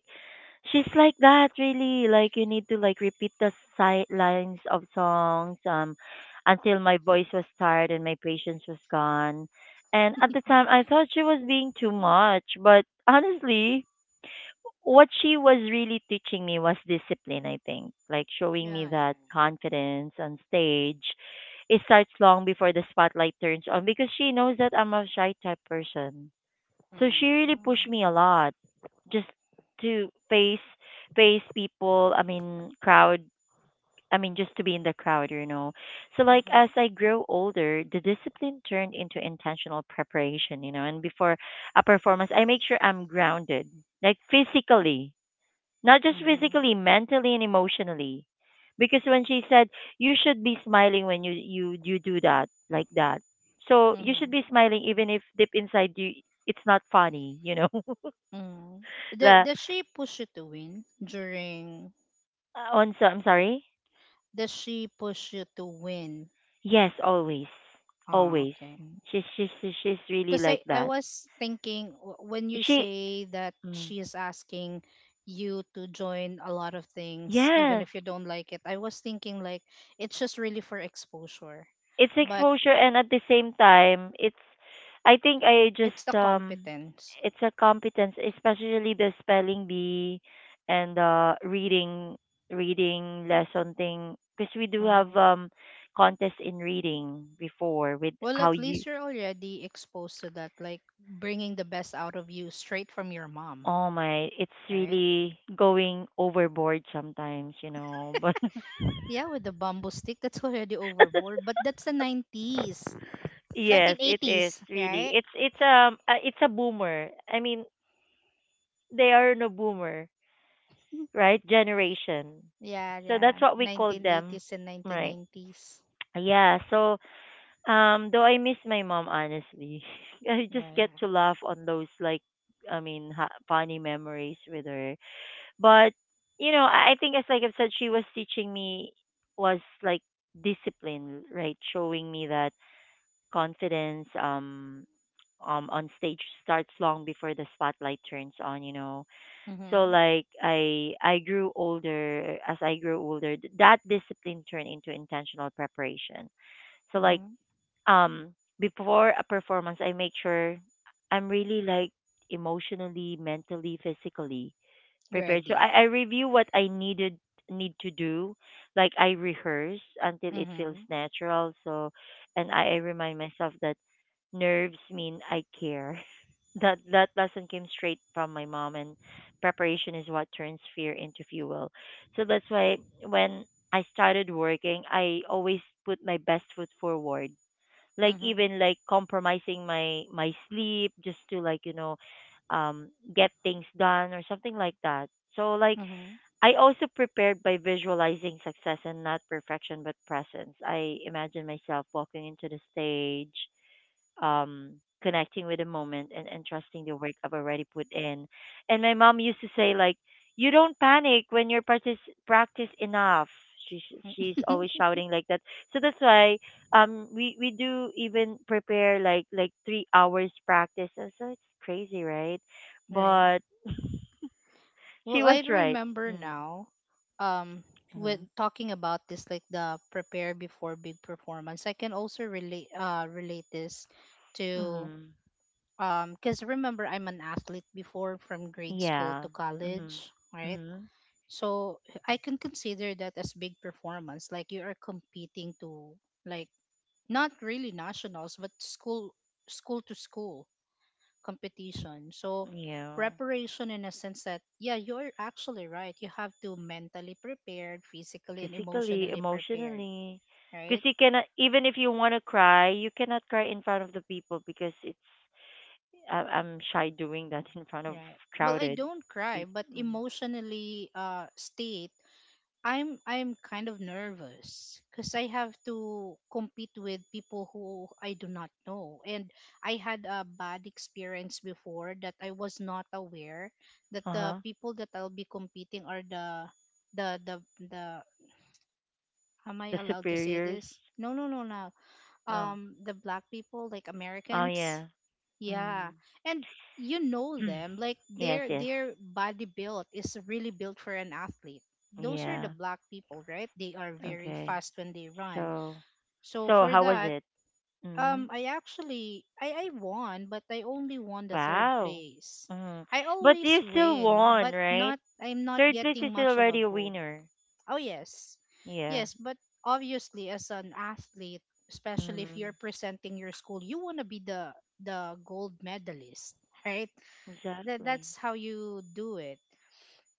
Speaker 1: she's like that, really. Like, you need to, like, repeat the lines of songs, until my voice was tired and my patience was gone. And at the time, I thought she was being too much, but honestly, what she was really teaching me was discipline. I think, like, showing me
Speaker 2: Yeah, yeah,
Speaker 1: that confidence on stage, it starts long before the spotlight turns on, because she knows that I'm a shy type person,
Speaker 2: yeah.
Speaker 1: so she really
Speaker 2: Mm.
Speaker 1: pushed me a lot just to face people, I mean crowd, I mean just to be in the crowd, you know. So, like, as
Speaker 2: Mm-hmm.
Speaker 1: I grow older, the discipline turned into intentional preparation, and before a performance I make sure I'm grounded. Like, physically. Not just
Speaker 2: Mm-hmm.
Speaker 1: physically, mentally and emotionally. Because when she said, you should be smiling when you do that like that. So you should
Speaker 2: Mm-hmm.
Speaker 1: be smiling even if deep inside you it's not funny, you know.
Speaker 2: Mm-hmm. Does,
Speaker 1: The
Speaker 2: does she push you to win during?
Speaker 1: on So I'm sorry.
Speaker 2: Does she push you to win?
Speaker 1: Yes, always,
Speaker 2: Ah,
Speaker 1: always.
Speaker 2: okay.
Speaker 1: She's really
Speaker 2: Because
Speaker 1: like
Speaker 2: I
Speaker 1: that.
Speaker 2: was thinking when you
Speaker 1: She
Speaker 2: say that
Speaker 1: mm,
Speaker 2: she is asking you to join a lot of things, even
Speaker 1: yes,
Speaker 2: if you don't like it, I was thinking like it's just really for exposure,
Speaker 1: it's
Speaker 2: but
Speaker 1: exposure, and at the same time, it's— I think I just,
Speaker 2: it's the competence.
Speaker 1: it's a competence, especially the spelling bee, and reading lesson thing, because we do have
Speaker 2: Hmm.
Speaker 1: contest in reading before with
Speaker 2: Well,
Speaker 1: how
Speaker 2: at
Speaker 1: you—
Speaker 2: least you're already exposed to that, like bringing the best out of you straight from your mom,
Speaker 1: Oh my, it's
Speaker 2: right?
Speaker 1: really going overboard sometimes, you know. [laughs] But
Speaker 2: Yeah, with the bamboo stick, that's [laughs] already overboard, but that's the 90s,
Speaker 1: yes, it is
Speaker 2: 1980s,
Speaker 1: really.
Speaker 2: right?
Speaker 1: It's a boomer. I mean, they are no boomer, right? Generation.
Speaker 2: Yeah,
Speaker 1: So
Speaker 2: yeah.
Speaker 1: that's what we call them,
Speaker 2: 1980s and
Speaker 1: right?
Speaker 2: 1990s.
Speaker 1: Yeah. So, though I miss my mom honestly, [laughs] I just
Speaker 2: Yeah,
Speaker 1: get
Speaker 2: yeah.
Speaker 1: to laugh on those, like, I mean, funny memories with her. But I think, as like I've said, she was teaching me, was like discipline, right? Showing me that confidence on stage starts long before the spotlight turns on, you know. So,
Speaker 2: Mhm.
Speaker 1: like, I grew older as I grew older, that discipline turned into intentional preparation. So, like,
Speaker 2: Mhm.
Speaker 1: um before a performance I make sure I'm really, like, emotionally, mentally, physically
Speaker 2: You
Speaker 1: prepared. So
Speaker 2: ready.
Speaker 1: I review what I need to do. Like, I rehearse until it feels
Speaker 2: Mhm.
Speaker 1: natural. So, and I remind myself that nerves mean I care. [laughs] That lesson came straight from my mom, and preparation is what turns fear into fuel. So that's why when I started working I always put my best foot forward, like,
Speaker 2: Mhm.
Speaker 1: even like compromising my sleep just to, like, um get things done or something like that, so, like,
Speaker 2: Mhm.
Speaker 1: I also prepared by visualizing success, and not perfection but presence. I imagine myself walking into the stage, um, connecting with the moment, and trusting the work I've already put in. And my mom used to say, like, "You don't panic when you're practice enough." She's always
Speaker 2: [laughs]
Speaker 1: shouting like that. So that's why, we do even prepare, like 3 hours practice. So it's crazy, right?
Speaker 2: Right.
Speaker 1: But she
Speaker 2: Well, I
Speaker 1: was right.
Speaker 2: remember
Speaker 1: Mm.
Speaker 2: now, um, with
Speaker 1: Mm-hmm.
Speaker 2: talking about this, like the prepare before big performance, I can also relate this to,
Speaker 1: Mm-hmm.
Speaker 2: because remember I'm an athlete before from grade school
Speaker 1: Yeah.
Speaker 2: to
Speaker 1: Mm-hmm.
Speaker 2: college, right?
Speaker 1: Mm-hmm.
Speaker 2: So I can consider that as big performance. Like you are competing to, like, not really nationals, but school to school competition. So
Speaker 1: Yeah.
Speaker 2: preparation in a sense that yeah, you're actually right. You have to mentally prepared, physically and
Speaker 1: Physically,
Speaker 2: emotionally prepared.
Speaker 1: emotionally.
Speaker 2: Right?
Speaker 1: Because you cannot, even if you want to cry, you cannot cry in front of the people, because it's— I'm shy doing that in front of
Speaker 2: Right. Well, I
Speaker 1: crowded
Speaker 2: don't cry,
Speaker 1: people.
Speaker 2: but
Speaker 1: Mm.
Speaker 2: emotionally state I'm kind of nervous because I have to compete with people who I do not know, and I had a bad experience before that I was not aware that the
Speaker 1: Uh-huh.
Speaker 2: people that I'll be competing are the the the. Am I
Speaker 1: The
Speaker 2: allowed to say
Speaker 1: superiors.
Speaker 2: this? No, no, no, no.
Speaker 1: No.
Speaker 2: The black people, like
Speaker 1: Oh,
Speaker 2: Americans.
Speaker 1: yeah.
Speaker 2: Yeah.
Speaker 1: Mm.
Speaker 2: And you know them, like
Speaker 1: [clears throat] Yes,
Speaker 2: their
Speaker 1: yes.
Speaker 2: their body build is really built for an athlete. Those are the
Speaker 1: Yeah.
Speaker 2: black people, right? They are very
Speaker 1: Okay.
Speaker 2: fast when they run.
Speaker 1: So, so,
Speaker 2: So
Speaker 1: how was
Speaker 2: for
Speaker 1: it?
Speaker 2: that,
Speaker 1: Mm.
Speaker 2: I actually I won, but I only won the third
Speaker 1: Wow.
Speaker 2: place.
Speaker 1: Mm.
Speaker 2: I
Speaker 1: But
Speaker 2: always
Speaker 1: you still
Speaker 2: win,
Speaker 1: won,
Speaker 2: but
Speaker 1: right?
Speaker 2: not I'm not
Speaker 1: Third place
Speaker 2: getting
Speaker 1: is
Speaker 2: much of a
Speaker 1: already a
Speaker 2: gold.
Speaker 1: winner.
Speaker 2: Oh, yes.
Speaker 1: Yeah.
Speaker 2: Yes, but obviously as an athlete, especially if
Speaker 1: Mm.
Speaker 2: you're presenting your school, you want to be the gold medalist, right? That
Speaker 1: Exactly.
Speaker 2: that's how you do it.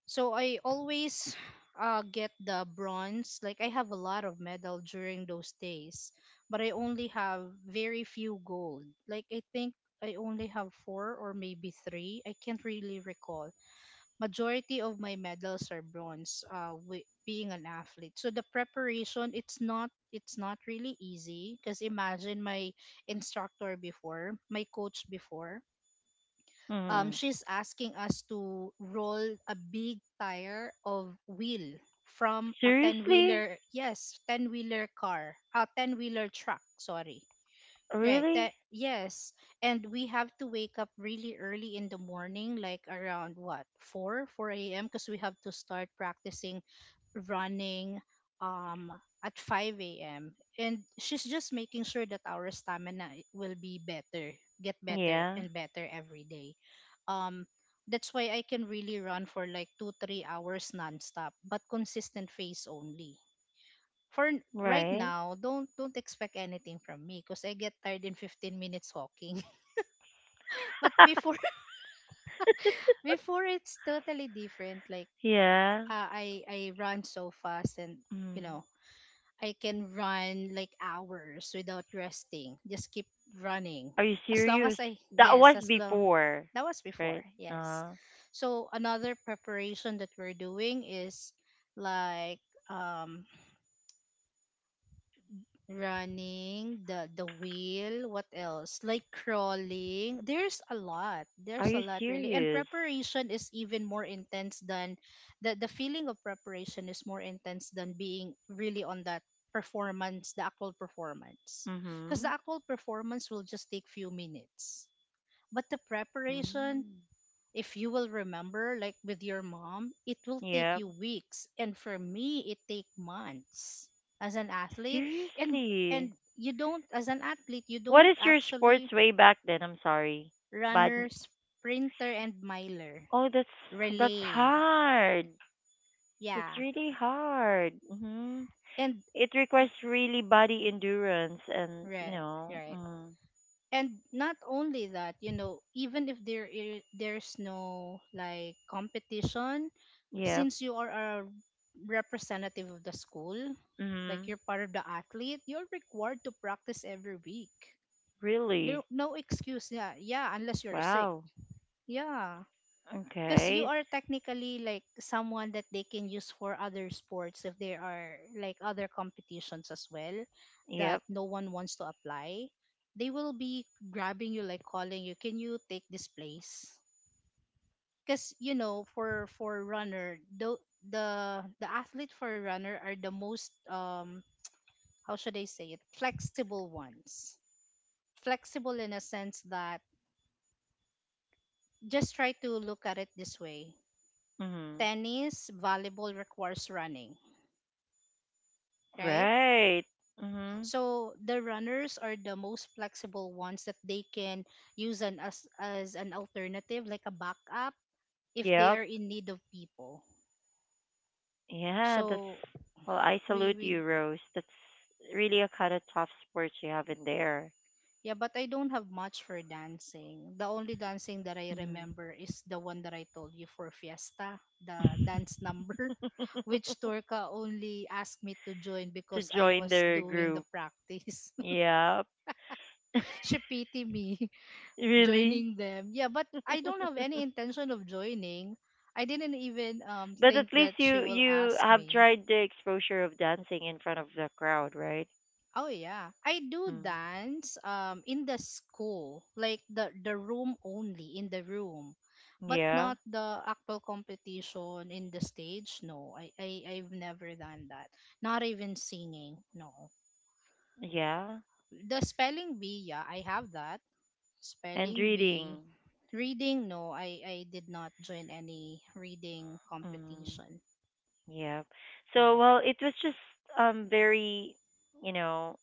Speaker 2: So I always get the bronze. Like I have a lot of medal during those days, but I only have very few gold. Like I think I only have four or maybe three. I can't really recall, majority of my medals are bronze with being an athlete. So the preparation, it's not really easy because imagine my instructor before, my coach before,
Speaker 1: Hmm.
Speaker 2: she's asking us to roll a big tire of wheel from a ten
Speaker 1: Seriously?
Speaker 2: wheeler. Yes, ten wheeler car, a ten wheeler truck. Sorry. Right.
Speaker 1: Really?
Speaker 2: That, yes. And we have to wake up really early in the morning, like around what, four AM, because we have to start practicing running um at five AM. And she's just making sure that our stamina will be better, get better
Speaker 1: Yeah,
Speaker 2: and better every day. Um that's why I can really run for like two, 3 hours nonstop, but consistent phase only for right
Speaker 1: right.
Speaker 2: now. Don't expect anything from me because I get tired in fifteen minutes walking. [laughs] But before,
Speaker 1: [laughs]
Speaker 2: [laughs] before, it's totally different. Like,
Speaker 1: Yeah.
Speaker 2: I run so fast, and you
Speaker 1: Mm.
Speaker 2: know I can run like hours without resting. Just keep running
Speaker 1: Are you
Speaker 2: as long
Speaker 1: serious?
Speaker 2: as I,
Speaker 1: That
Speaker 2: yes,
Speaker 1: was
Speaker 2: as long,
Speaker 1: before,
Speaker 2: that was before.
Speaker 1: right?
Speaker 2: Yes.
Speaker 1: Uh,
Speaker 2: So another preparation that we're doing is like um running the wheel, what else, like crawling. There's a lot
Speaker 1: Are
Speaker 2: there's a
Speaker 1: you
Speaker 2: lot really. And
Speaker 1: serious?
Speaker 2: preparation is even more intense than the feeling of preparation is more intense than being really on that performance, the actual performance, because the
Speaker 1: Mm-hmm.
Speaker 2: actual performance will just take few minutes, but the preparation,
Speaker 1: Mm.
Speaker 2: if you will remember, like with your mom, it will take
Speaker 1: Yep.
Speaker 2: you weeks, and for me, it take months as an athlete. And
Speaker 1: Seriously?
Speaker 2: and you don't, as an athlete, you
Speaker 1: What
Speaker 2: don't
Speaker 1: is your
Speaker 2: actually,
Speaker 1: sports way back then? I'm sorry. But
Speaker 2: runner, sprinter, and miler,
Speaker 1: oh, that's
Speaker 2: relay.
Speaker 1: hard. That's
Speaker 2: Yeah,
Speaker 1: really hard. Mm-hmm.
Speaker 2: and
Speaker 1: It requires really body endurance and,
Speaker 2: right, right. And not only that, even if there's no like competition,
Speaker 1: yep.
Speaker 2: since you are a representative of the school, like
Speaker 1: Mm,
Speaker 2: you're part of the athlete, you're required to practice every week. There
Speaker 1: really.
Speaker 2: no excuse. Yeah, yeah, unless you're sick.
Speaker 1: Wow.
Speaker 2: Yeah. Because you
Speaker 1: Okay.
Speaker 2: are technically like someone that they can use for other sports, if there are like other competitions as well that
Speaker 1: Yep.
Speaker 2: no one wants to apply, they will be grabbing you, like calling you, can you take this place, because for runner, the the athlete for runner are the most, how should I say it, flexible ones. Flexible in a sense that just try to look at it this way,
Speaker 1: Mm,
Speaker 2: tennis, volleyball requires running, right?
Speaker 1: right. Mm,
Speaker 2: So the runners are the most flexible ones that they can use an as an alternative, like a backup, if they
Speaker 1: yep.
Speaker 2: are in need of people.
Speaker 1: Yeah, that's,
Speaker 2: So
Speaker 1: well, I
Speaker 2: we
Speaker 1: salute
Speaker 2: we
Speaker 1: you, Rose. That's really a kind of tough sport you have in there.
Speaker 2: yeah, but I don't have much for dancing. The only dancing that I
Speaker 1: Mm.
Speaker 2: remember is the one that I told you for Fiesta, the dance number, [laughs] which
Speaker 1: [laughs]
Speaker 2: Turka only asked me to join
Speaker 1: To
Speaker 2: because I
Speaker 1: join
Speaker 2: was
Speaker 1: their
Speaker 2: doing the
Speaker 1: group.
Speaker 2: practice.
Speaker 1: Yep. [laughs]
Speaker 2: [laughs] She pity me.
Speaker 1: Really?
Speaker 2: Joining them. Yeah, but I
Speaker 1: [laughs]
Speaker 2: don't have any intention of joining. I didn't even
Speaker 1: But at
Speaker 2: think
Speaker 1: least
Speaker 2: that she
Speaker 1: you
Speaker 2: will
Speaker 1: you
Speaker 2: ask
Speaker 1: have
Speaker 2: me.
Speaker 1: tried the exposure of dancing in front of the crowd, right?
Speaker 2: Oh yeah, I do
Speaker 1: Mm.
Speaker 2: dance in the school, like the room, only in the room, but
Speaker 1: Yeah,
Speaker 2: not the actual competition in the stage. No, I've never done that. Not even singing. No,
Speaker 1: yeah,
Speaker 2: the spelling bee. Yeah, I have that.
Speaker 1: and
Speaker 2: Spelling bee.
Speaker 1: reading.
Speaker 2: Reading, no, I did not join any reading
Speaker 1: Mm.
Speaker 2: competition.
Speaker 1: Yeah. So,
Speaker 2: Yeah,
Speaker 1: well, it was just, very, you know,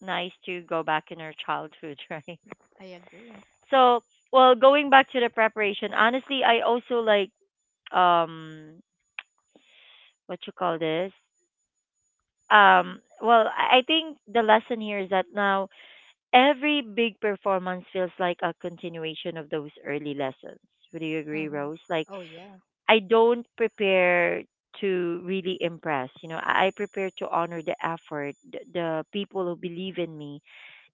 Speaker 1: nice to go back in our childhood, [laughs] right?
Speaker 2: I agree.
Speaker 1: So, well, going back to the preparation, honestly, I also, like, um what you call this. Well, I think the lesson here is that now every big performance feels like a continuation of those early lessons. Would you agree,
Speaker 2: Mm-hmm.
Speaker 1: Rose? Like,
Speaker 2: Oh, yeah.
Speaker 1: I don't prepare to really impress. You know, I prepare to honor the effort, the people who believe in me,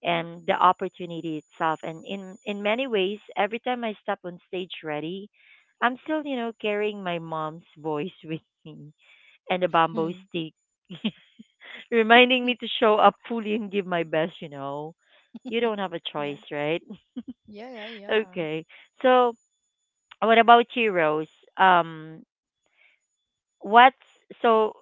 Speaker 1: and the opportunity itself. And in many ways, every time I step on stage ready, I'm still carrying my mom's voice [laughs] with me and a bamboo
Speaker 2: Hmm.
Speaker 1: stick. [laughs] Reminding me to show up fully and give my best, you know. You don't have a choice,
Speaker 2: Yeah.
Speaker 1: right?
Speaker 2: Yeah, yeah,
Speaker 1: [laughs]
Speaker 2: yeah.
Speaker 1: Okay. So, what about you, Rose? Um, what's so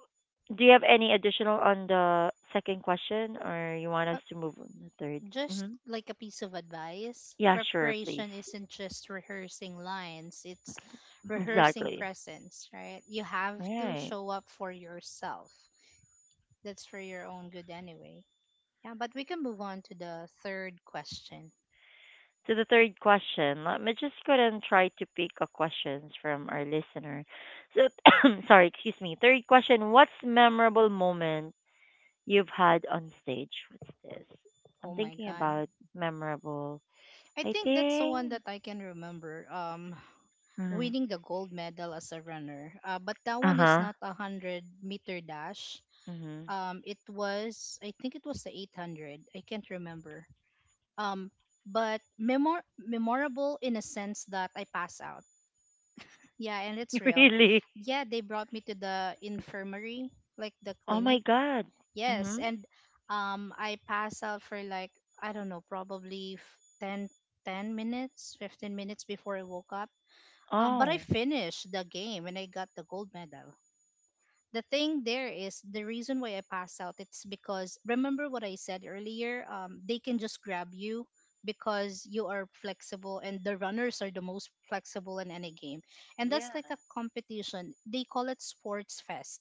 Speaker 1: do you have any additional on the second question, or you want us
Speaker 2: Uh,
Speaker 1: to move on the third?
Speaker 2: just
Speaker 1: Mm-hmm.
Speaker 2: like a piece of advice,
Speaker 1: Yeah, sure, please.
Speaker 2: preparation isn't just rehearsing lines, it's rehearsing
Speaker 1: Exactly.
Speaker 2: presence, right? You have to
Speaker 1: Right.
Speaker 2: show up for yourself. That's for your own good anyway. Yeah, but we can move on to the third question.
Speaker 1: To the third question, let me just go and try to pick a questions from our listener. So, [coughs] sorry, excuse me. Third question: what's memorable moment you've had on stage? What's this? I'm
Speaker 2: Oh my
Speaker 1: thinking
Speaker 2: god.
Speaker 1: about memorable.
Speaker 2: I
Speaker 1: I
Speaker 2: think that's the
Speaker 1: think.
Speaker 2: one that I can remember.
Speaker 1: Mm-hmm.
Speaker 2: Winning the gold medal as a runner. But that
Speaker 1: Uh
Speaker 2: one is
Speaker 1: huh.
Speaker 2: not a 100 meter dash.
Speaker 1: Mm-hmm.
Speaker 2: It was I think it was the 800. I can't remember. Um, but memorable in a sense that I pass out. Yeah, and it's
Speaker 1: [laughs]
Speaker 2: real.
Speaker 1: Really?
Speaker 2: Yeah, they brought me to the infirmary, like the
Speaker 1: Oh my
Speaker 2: clinic.
Speaker 1: God.
Speaker 2: Yes,
Speaker 1: Mm-hmm.
Speaker 2: and I pass out for like I don't know, probably 10, ten minutes, 15 minutes before I woke up. But I
Speaker 1: Oh.
Speaker 2: finished the game and I got the gold medal. The thing there is the reason why I passed out. It's because remember what I said earlier. They can just grab you because you are flexible, and the runners are the most flexible in any game. And that's
Speaker 1: Yeah.
Speaker 2: like a competition. They call it sports fest.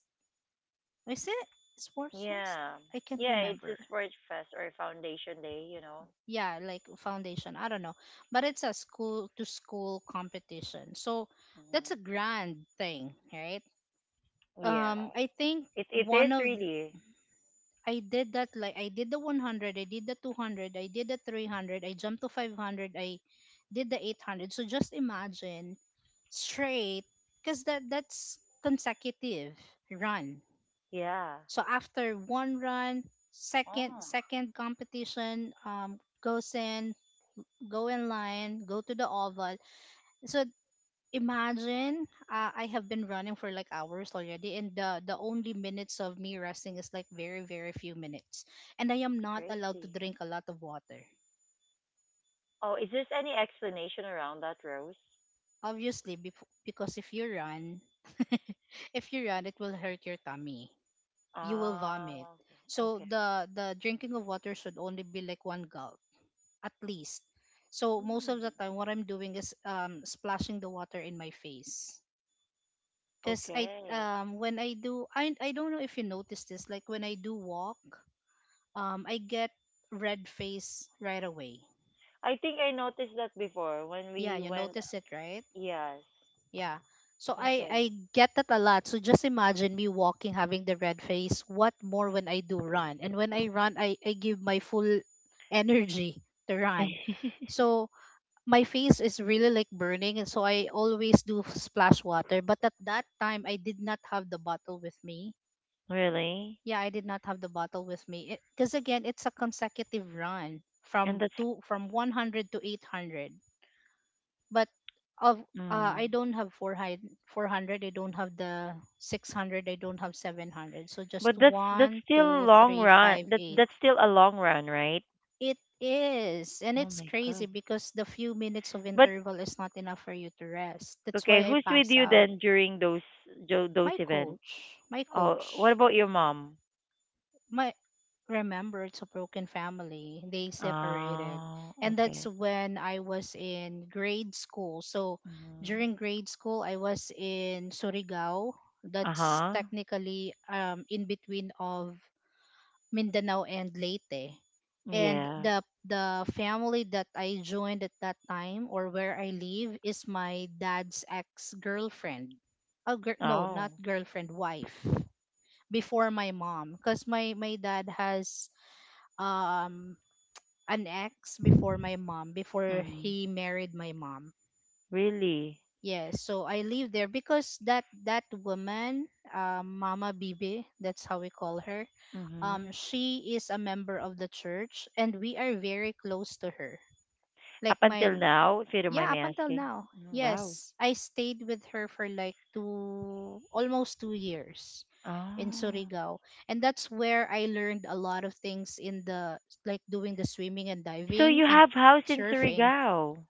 Speaker 2: Is it sports fest?
Speaker 1: Yeah.
Speaker 2: I can't
Speaker 1: Yeah. It's a
Speaker 2: remember.
Speaker 1: sports fest or a foundation day, you know.
Speaker 2: Yeah, like foundation, I don't know, but it's a school to school competition, so that's
Speaker 1: Mm-hmm.
Speaker 2: a grand thing, right?
Speaker 1: Yeah.
Speaker 2: I think
Speaker 1: It
Speaker 2: one
Speaker 1: is
Speaker 2: of th-
Speaker 1: really.
Speaker 2: I did that, like I did the 100, I did the 200, I did the 300, I jumped to 500, I did the 800. So just imagine, straight, because that's consecutive run.
Speaker 1: Yeah.
Speaker 2: So after one run, second
Speaker 1: Oh,
Speaker 2: second competition, goes in, go in line, go to the oval. So imagine, I have been running for like hours already, and the only minutes of me resting is like very very few minutes, and I am
Speaker 1: it's
Speaker 2: not allowed to
Speaker 1: crazy.
Speaker 2: drink a lot of water.
Speaker 1: Oh, is there any explanation around that, Rose?
Speaker 2: Obviously, because if you run, [laughs] if you run, it will hurt your tummy. You will vomit.
Speaker 1: Oh,
Speaker 2: So
Speaker 1: okay. Okay.
Speaker 2: the drinking of water should only be like one gulp at least. So most
Speaker 1: Mm.
Speaker 2: of the time, what I'm doing is splashing the water in my face. Because I
Speaker 1: Okay.
Speaker 2: when I do I don't know if you notice this, like when I do walk, I get red face right away.
Speaker 1: I think I noticed that before when
Speaker 2: Yeah,
Speaker 1: we
Speaker 2: you
Speaker 1: went.
Speaker 2: notice it, right?
Speaker 1: Yes.
Speaker 2: Yeah. So I
Speaker 1: Okay.
Speaker 2: I get that a lot. So just imagine me walking having the red face. What more when I do run? And when I run, I give my full energy to run.
Speaker 1: [laughs]
Speaker 2: So my face is really like burning, and so I always do splash water. But at that time, I did not have the bottle with me.
Speaker 1: Really?
Speaker 2: Yeah, I did not have the bottle with me. Because again, it's a consecutive run
Speaker 1: And
Speaker 2: from
Speaker 1: that's
Speaker 2: two from 100 to 800. But of I
Speaker 1: mm.
Speaker 2: don't have 400, 400. I don't have the 600. I don't have 700. So
Speaker 1: [laughs]
Speaker 2: just
Speaker 1: But that's
Speaker 2: one,
Speaker 1: still
Speaker 2: two,
Speaker 1: long
Speaker 2: three,
Speaker 1: run.
Speaker 2: five,
Speaker 1: That
Speaker 2: eight.
Speaker 1: that's still a long run, right?
Speaker 2: It is, and
Speaker 1: Oh
Speaker 2: it's
Speaker 1: my
Speaker 2: crazy
Speaker 1: god.
Speaker 2: because the few minutes of
Speaker 1: But
Speaker 2: interval is not enough for you to rest. That's
Speaker 1: okay,
Speaker 2: why I
Speaker 1: who's with
Speaker 2: pass
Speaker 1: you
Speaker 2: out.
Speaker 1: then during those jo- those
Speaker 2: My
Speaker 1: events?
Speaker 2: coach, my
Speaker 1: Oh, what
Speaker 2: coach.
Speaker 1: about your mom?
Speaker 2: My Remember, it's a broken family, they separated,
Speaker 1: Oh,
Speaker 2: and that's
Speaker 1: okay.
Speaker 2: when I was in grade school. So
Speaker 1: Mm.
Speaker 2: during grade school, I was in Surigao. That's
Speaker 1: Uh-huh.
Speaker 2: technically in between of Mindanao and Leyte, and
Speaker 1: Yeah.
Speaker 2: the family that I joined at that time or where I live is my dad's ex girlfriend. Oh, no, not
Speaker 1: Oh.
Speaker 2: girlfriend, wife, before my mom, because my dad has um an ex before my mom, before
Speaker 1: Mm.
Speaker 2: he married my mom.
Speaker 1: Really?
Speaker 2: Yes, so I live there because that woman, Mama Bibi, that's how we call her.
Speaker 1: Mm-hmm.
Speaker 2: She is a member of the church and we are very close to her, like
Speaker 1: Up
Speaker 2: my—
Speaker 1: until now, if you don't mind
Speaker 2: Yeah,
Speaker 1: me
Speaker 2: up until
Speaker 1: asking.
Speaker 2: now.
Speaker 1: Mm, wow.
Speaker 2: Yes, I stayed with her for like two, almost 2 years in
Speaker 1: Oh.
Speaker 2: Surigao. And that's where I learned a lot of things in the, like doing the swimming and
Speaker 1: So
Speaker 2: diving
Speaker 1: you
Speaker 2: and
Speaker 1: have house in
Speaker 2: surfing.
Speaker 1: Surigao.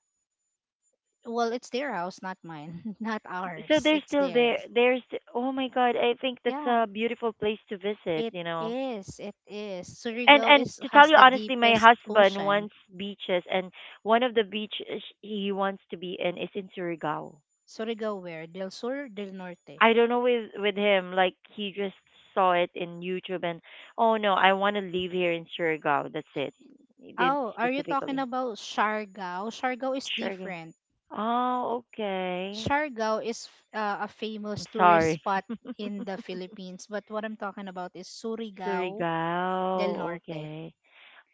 Speaker 2: Well, it's their house, not mine, [laughs] not
Speaker 1: So
Speaker 2: ours.
Speaker 1: they're
Speaker 2: It's
Speaker 1: still there.
Speaker 2: theirs.
Speaker 1: There's oh my god, I think that's
Speaker 2: Yeah,
Speaker 1: a beautiful place to visit,
Speaker 2: it
Speaker 1: you know.
Speaker 2: is. It is. Surigao
Speaker 1: And
Speaker 2: is
Speaker 1: to tell
Speaker 2: has
Speaker 1: you
Speaker 2: the
Speaker 1: honestly, my
Speaker 2: deepest
Speaker 1: husband
Speaker 2: ocean.
Speaker 1: wants beaches, and one of the beaches he wants to be in is in Surigao.
Speaker 2: Surigao where? Del Sur, Del Norte.
Speaker 1: I don't know with him, like he just saw it in YouTube and oh no, I want to live here in Surigao. That's it. He didn't
Speaker 2: Oh, are you talking
Speaker 1: specifically.
Speaker 2: about Siargao? Siargao is
Speaker 1: Sure.
Speaker 2: different.
Speaker 1: Oh, okay.
Speaker 2: Siargao is a
Speaker 1: I'm
Speaker 2: famous tourist
Speaker 1: sorry.
Speaker 2: spot
Speaker 1: [laughs]
Speaker 2: in the Philippines, but what I'm talking about is Surigao del
Speaker 1: Surigao.
Speaker 2: Norte.
Speaker 1: Okay.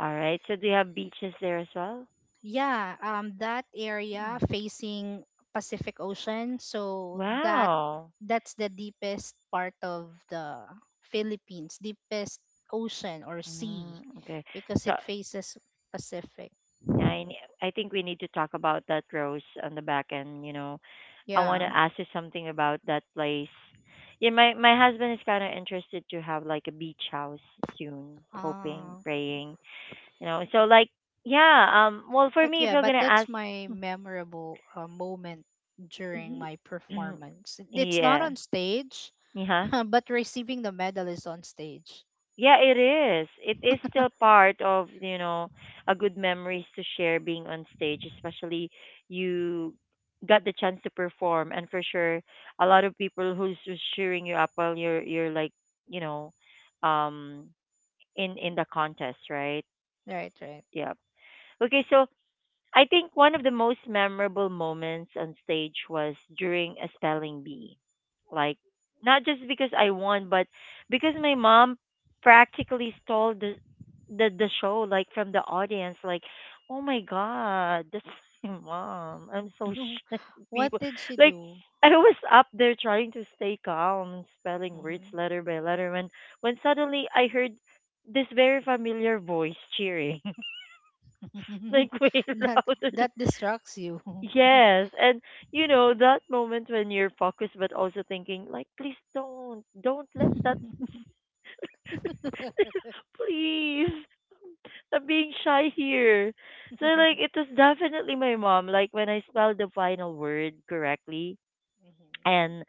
Speaker 1: All right. So do you have beaches there as well?
Speaker 2: Yeah, that area
Speaker 1: Mm.
Speaker 2: facing Pacific Ocean, so that
Speaker 1: Wow.
Speaker 2: that's the deepest part of the Philippines, deepest ocean or sea,
Speaker 1: Mm, okay.
Speaker 2: because
Speaker 1: So
Speaker 2: it faces Pacific.
Speaker 1: I ne- I think we need to talk about that, Rose, on the back end, you know. I want to
Speaker 2: Yeah.
Speaker 1: ask you something about that place. Yeah, my husband is kind of interested to have like a beach house soon, hoping,
Speaker 2: Uh,
Speaker 1: praying, you know. So like yeah, um, well for
Speaker 2: But
Speaker 1: me if
Speaker 2: yeah,
Speaker 1: you're
Speaker 2: but
Speaker 1: going to ask
Speaker 2: that's my memorable moment during
Speaker 1: Ye-
Speaker 2: my
Speaker 1: [clears throat]
Speaker 2: performance. It's not
Speaker 1: Yeah.
Speaker 2: on stage,
Speaker 1: Yeah.
Speaker 2: [laughs] but receiving the medal is on stage.
Speaker 1: Yeah, it is. It is still part of, you know, a good memories to share being on stage, especially you got the chance to perform, and for sure a lot of people who's cheering you up while you're like, you know, um in the contest, right?
Speaker 2: Right, right.
Speaker 1: Yeah. Okay, so I think one of the most memorable moments on stage was during a spelling bee. Like, not just because I won, but because my mom practically stole the the show, like from the audience. Like, oh my god, that's [laughs] my mom. I'm so
Speaker 2: [laughs]
Speaker 1: shy. [laughs]
Speaker 2: what
Speaker 1: People,
Speaker 2: did she
Speaker 1: like,
Speaker 2: do?
Speaker 1: I was up there trying to stay calm and spelling words
Speaker 2: Mhm.
Speaker 1: letter by letter when suddenly I heard this very familiar voice cheering [laughs]
Speaker 2: [laughs]
Speaker 1: like way
Speaker 2: that
Speaker 1: [laughs] louder.
Speaker 2: that distracts you.
Speaker 1: Yes, and you know that moment when you're focused but also thinking like please don't let that
Speaker 2: [laughs]
Speaker 1: [laughs] please, I'm being shy here. So like it was definitely my mom, like when I spelled the final word correctly
Speaker 2: Mhm,
Speaker 1: and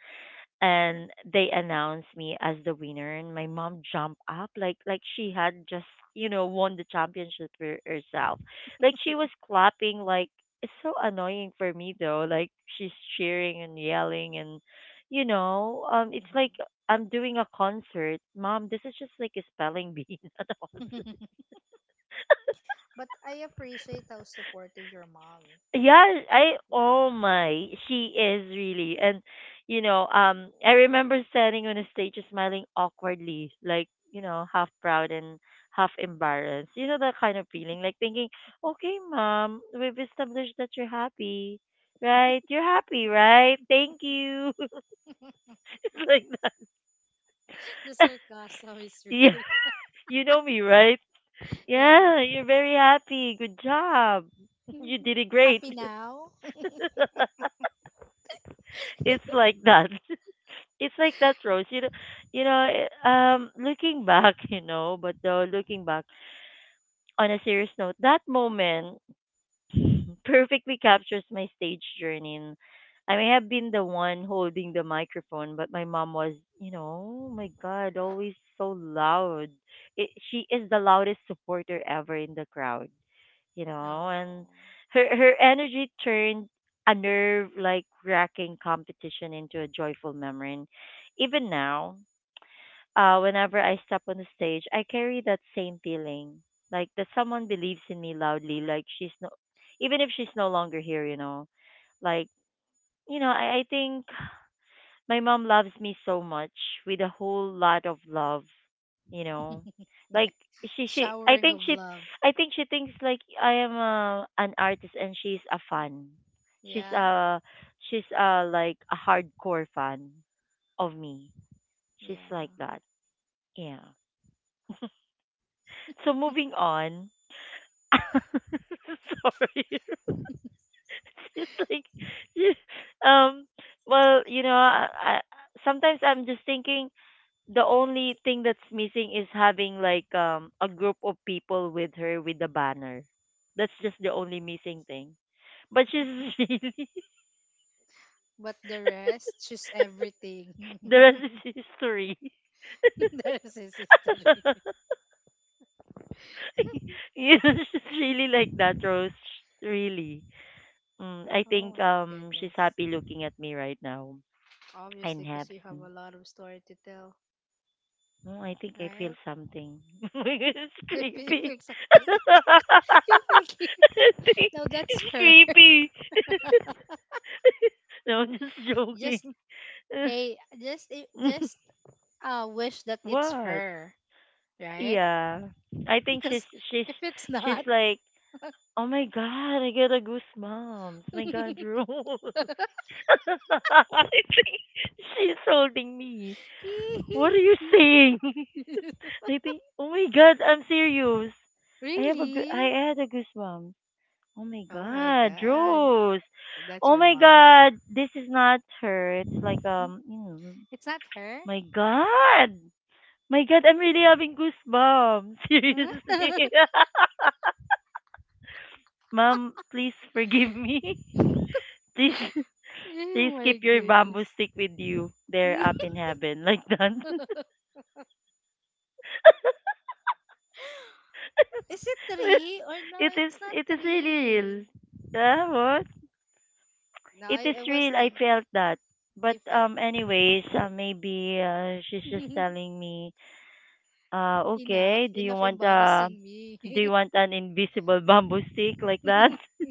Speaker 1: they announced me as the winner, and my mom jumped up like she had just, you know, won the championship for herself, like she was clapping, like it's so annoying for me though, like she's cheering and yelling, and, you know, um, it's like
Speaker 2: mhm.
Speaker 1: I'm doing a concert, mom. This is just like a spelling bee, [laughs] not a concert.
Speaker 2: [laughs] but I appreciate how supportive your mom.
Speaker 1: Yeah, I
Speaker 2: Yeah.
Speaker 1: oh my, she is really, and you know, I remember standing on a stage, smiling awkwardly, like you know, half proud and half embarrassed. You know that kind of feeling, like thinking, "Okay, mom, we've established that you're happy, right? You're happy, right? Thank you." [laughs]
Speaker 2: [laughs]
Speaker 1: It's like that.
Speaker 2: the sarcasm
Speaker 1: [laughs]
Speaker 2: is
Speaker 1: Yeah,
Speaker 2: real. [laughs]
Speaker 1: [laughs] you know me, right?
Speaker 2: Yeah.
Speaker 1: Yeah, you're very happy. Good job. [laughs] You
Speaker 2: [laughs]
Speaker 1: did it great.
Speaker 2: Happy now?
Speaker 1: [laughs] It's like that. It's like that, Rose, you know, um, looking back [laughs] you know, but though looking back on a serious note, that moment [laughs] perfectly captures my stage journey, and I may have been the one holding the microphone, but my mom was, you know, oh my god, always so loud. It, she is the loudest supporter ever in the crowd, you know,
Speaker 2: Oh,
Speaker 1: and her energy turned a nerve like wracking competition into a joyful memory, and even now, whenever I step on the stage, I carry that same feeling, like that someone believes in me loudly, like she's no, even if she's no longer here, you know, like I think my mom loves me so much with a whole lot of love, you know,
Speaker 2: [laughs] yeah.
Speaker 1: like she I
Speaker 2: Showering
Speaker 1: think
Speaker 2: of
Speaker 1: she
Speaker 2: love.
Speaker 1: I think she thinks like I am a, an artist, and she's a fan, she's
Speaker 2: Yeah,
Speaker 1: a she's a like a hardcore fan of me. She's
Speaker 2: yeah.
Speaker 1: like that, yeah. So moving on. [laughs] Sorry. [laughs] It's like you- um well, you know, I sometimes I'm just thinking the only thing that's missing is having like a group of people with her with the banner. That's just the only missing thing. But she's [laughs] really
Speaker 2: But the rest, she's everything.
Speaker 1: the rest
Speaker 2: [laughs]
Speaker 1: is history.
Speaker 2: There's his history. [laughs]
Speaker 1: [laughs] You know, she's really like that, Rose. Really. Mm, I
Speaker 2: Oh
Speaker 1: think
Speaker 2: my
Speaker 1: she's
Speaker 2: goodness.
Speaker 1: happy looking at me right now. I
Speaker 2: Obviously, because you have
Speaker 1: haven't.
Speaker 2: a lot of story to tell,
Speaker 1: Oh, I think I feel
Speaker 2: right?
Speaker 1: something. [laughs] It's
Speaker 2: [laughs] I feel
Speaker 1: creepy.
Speaker 2: feel something. [laughs]
Speaker 1: [laughs]
Speaker 2: you feel guilty.
Speaker 1: I think
Speaker 2: No, that's
Speaker 1: it's
Speaker 2: her.
Speaker 1: creepy.
Speaker 2: [laughs]
Speaker 1: [laughs] No, I'm just
Speaker 2: just
Speaker 1: joking.
Speaker 2: hey, just just
Speaker 1: [laughs]
Speaker 2: wish that it's
Speaker 1: What?
Speaker 2: her, right?
Speaker 1: Yeah. I
Speaker 2: [laughs]
Speaker 1: think she's
Speaker 2: Because
Speaker 1: she's
Speaker 2: if it's
Speaker 1: she's
Speaker 2: not,
Speaker 1: like, oh my god, I got a goosebumps. My god, Rose. [laughs]
Speaker 2: [laughs]
Speaker 1: I think she's holding me. What
Speaker 2: [laughs]
Speaker 1: are you saying? [laughs] I think, oh my god, I'm serious. I have a goo- I
Speaker 2: really?
Speaker 1: had a goosebumps. Oh my
Speaker 2: Oh my
Speaker 1: god,
Speaker 2: god.
Speaker 1: Rose.
Speaker 2: That's
Speaker 1: Oh
Speaker 2: her
Speaker 1: my
Speaker 2: mom.
Speaker 1: god, this is not her. It's like you know,
Speaker 2: [laughs] It's not her?
Speaker 1: my god, I'm really having goosebumps. [laughs]
Speaker 2: Huh? [laughs]
Speaker 1: Seriously, [laughs] mom, please forgive me. [laughs] Please,
Speaker 2: oh my
Speaker 1: keep your
Speaker 2: goodness.
Speaker 1: bamboo stick with you. They're up in
Speaker 2: [laughs]
Speaker 1: heaven, like that. [laughs]
Speaker 2: Is it three or no?
Speaker 1: It is,
Speaker 2: It's not
Speaker 1: it is really real.
Speaker 2: three.
Speaker 1: Yeah,
Speaker 2: No,
Speaker 1: it is
Speaker 2: I was
Speaker 1: real. I
Speaker 2: thinking.
Speaker 1: felt that. But
Speaker 2: You felt it.
Speaker 1: anyways, maybe she's just telling me,
Speaker 2: [laughs] enough.
Speaker 1: okay,
Speaker 2: Enough embarrassing
Speaker 1: do you
Speaker 2: me.
Speaker 1: want an invisible [laughs] bamboo stick like that?
Speaker 2: [laughs]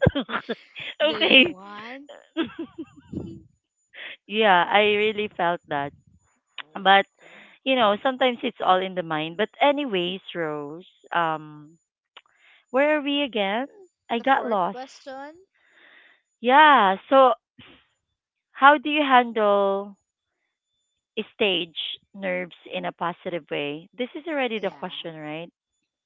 Speaker 1: [laughs]
Speaker 2: Do you
Speaker 1: Okay.
Speaker 2: want?
Speaker 1: [laughs]
Speaker 2: [laughs] oh
Speaker 1: Yeah, I really felt that.
Speaker 2: my
Speaker 1: But
Speaker 2: god.
Speaker 1: you know, sometimes it's all in the mind. But anyways, Rose, um, where are we again? I
Speaker 2: The
Speaker 1: got
Speaker 2: fourth
Speaker 1: lost.
Speaker 2: question?
Speaker 1: Yeah. So, how do you handle stage nerves in a positive way? This is already the
Speaker 2: Yeah.
Speaker 1: question, right?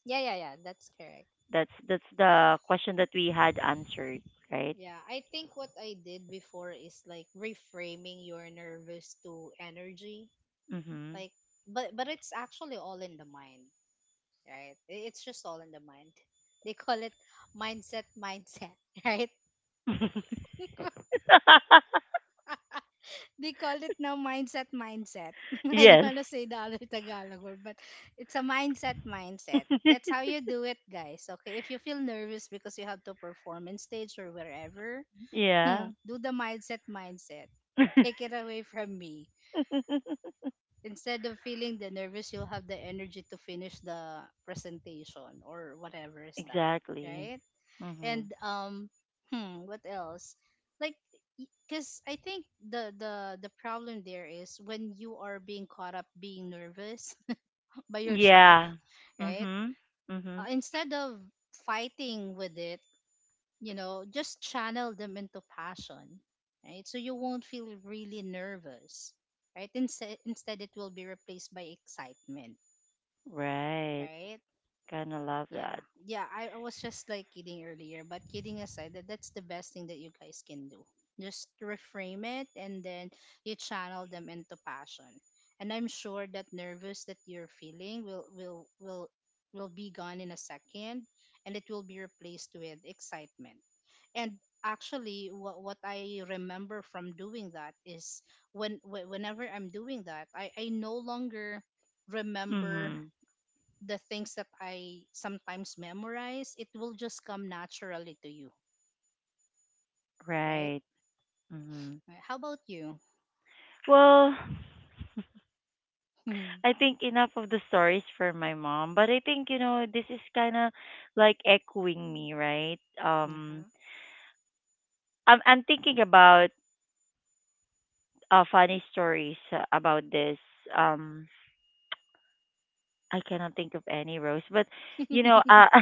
Speaker 2: Yeah, yeah, yeah. That's correct.
Speaker 1: That's the question that we had answered, right?
Speaker 2: Yeah, I think what I did before is like reframing your nervous to energy.
Speaker 1: Mm-hmm.
Speaker 2: Like, but it's actually all in the mind, right? It's just all in the mind. [laughs] They call it mindset mindset, [laughs] right?
Speaker 1: [laughs]
Speaker 2: They call it now mindset mindset. [laughs] I don't
Speaker 1: Yes.
Speaker 2: want to say the other Tagalog word, but it's a mindset mindset.
Speaker 1: [laughs]
Speaker 2: That's how you do it, guys. Okay, if you feel nervous because you have to perform in stage or wherever,
Speaker 1: Yeah.
Speaker 2: hmm, do the mindset mindset. Take it away from me.
Speaker 1: [laughs]
Speaker 2: Instead of feeling the nervous, you'll have the energy to finish the presentation or whatever is that,
Speaker 1: Exactly.
Speaker 2: right? And
Speaker 1: Mm-hmm.
Speaker 2: hmm, what else, like, because I think the the problem there is when you are being caught up being nervous [laughs] by yourself,
Speaker 1: Yeah.
Speaker 2: right?
Speaker 1: Mm-hmm. Mm-hmm.
Speaker 2: Instead of fighting with it, you know, just channel them into passion, right? So you won't feel really nervous, right? Instead, instead it will be replaced by excitement,
Speaker 1: Right.
Speaker 2: right?
Speaker 1: Kind of love
Speaker 2: Yeah.
Speaker 1: that.
Speaker 2: Yeah, I was just like kidding earlier, but kidding aside, that's the best thing that you guys can do. Just reframe it and then you channel them into passion. And I'm sure that nervous that you're feeling will will will be gone in a second and it will be replaced with excitement. And actually what I remember from doing that is when whenever I'm doing that, I no longer remember
Speaker 1: Mm-hmm.
Speaker 2: the things that I sometimes memorize, it will just come naturally to you, right?
Speaker 1: Right. Mm-hmm.
Speaker 2: How about you? [laughs]
Speaker 1: Well, I think enough of the stories for my mom, but I think you know this is kind of like echoing me, right?
Speaker 2: Uh-huh.
Speaker 1: I'm thinking about funny stories about this. Um, I cannot think of any Rose, but you know, [laughs]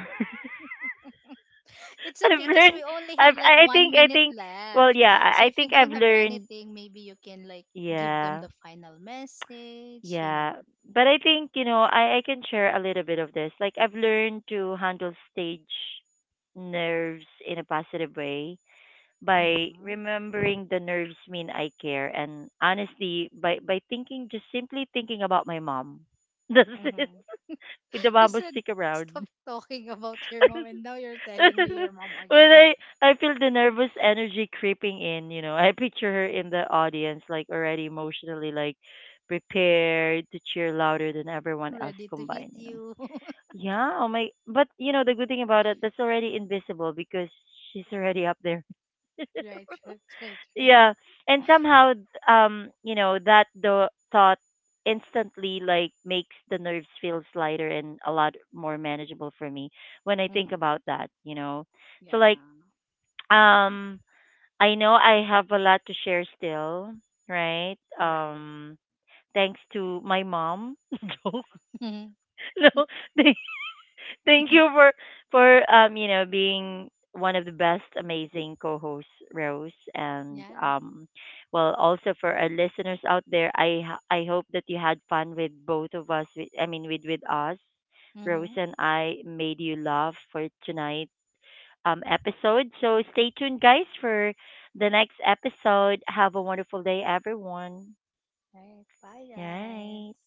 Speaker 2: It's
Speaker 1: I've
Speaker 2: okay because we
Speaker 1: learned.
Speaker 2: only have like
Speaker 1: I
Speaker 2: one
Speaker 1: think
Speaker 2: minute
Speaker 1: well,
Speaker 2: left.
Speaker 1: yeah,
Speaker 2: So
Speaker 1: I
Speaker 2: if you
Speaker 1: think
Speaker 2: don't
Speaker 1: I've
Speaker 2: have
Speaker 1: learned.
Speaker 2: anything, maybe you can like give them the
Speaker 1: Yeah,
Speaker 2: final message, you
Speaker 1: yeah,
Speaker 2: know.
Speaker 1: but I think you know I can share a little bit of this. Like I've learned to handle stage nerves in a positive way by
Speaker 2: Hmm,
Speaker 1: remembering the nerves mean I care, and honestly by thinking, just simply thinking about my mom. [laughs] That's it.
Speaker 2: hmm.
Speaker 1: With the
Speaker 2: You
Speaker 1: babo
Speaker 2: said
Speaker 1: stick
Speaker 2: stop
Speaker 1: around.
Speaker 2: talking about your mom, and
Speaker 1: [laughs]
Speaker 2: now you're telling me
Speaker 1: When
Speaker 2: your mom again.
Speaker 1: I feel the nervous energy creeping in, you know, I picture her in the audience like already emotionally like prepared to cheer louder than everyone else
Speaker 2: Ready to hit
Speaker 1: combined, you know.
Speaker 2: you. [laughs]
Speaker 1: Yeah, oh my, but you know the good thing about it that's already invisible because she's already up there. [laughs]
Speaker 2: right, right, right, right.
Speaker 1: Yeah, and somehow you know that the thought instantly like makes the nerves feel lighter and a lot more manageable for me when I think
Speaker 2: Hmm.
Speaker 1: about that, you know.
Speaker 2: Yeah,
Speaker 1: So like um I know I have a lot to share still, right,
Speaker 2: right.
Speaker 1: thanks to my mom. [laughs] Joke. [laughs] No. [laughs] Thank
Speaker 2: [laughs]
Speaker 1: you for you know being one of the best amazing co-hosts, Rose, and
Speaker 2: Yeah.
Speaker 1: well also for our listeners out there, I hope that you had fun with both of us with I mean with us.
Speaker 2: Mm-hmm.
Speaker 1: Rose
Speaker 2: All
Speaker 1: and I made you laugh for tonight episode, so stay tuned guys for the next episode. Have a wonderful day, everyone,
Speaker 2: right. Bye,
Speaker 1: right.
Speaker 2: guys.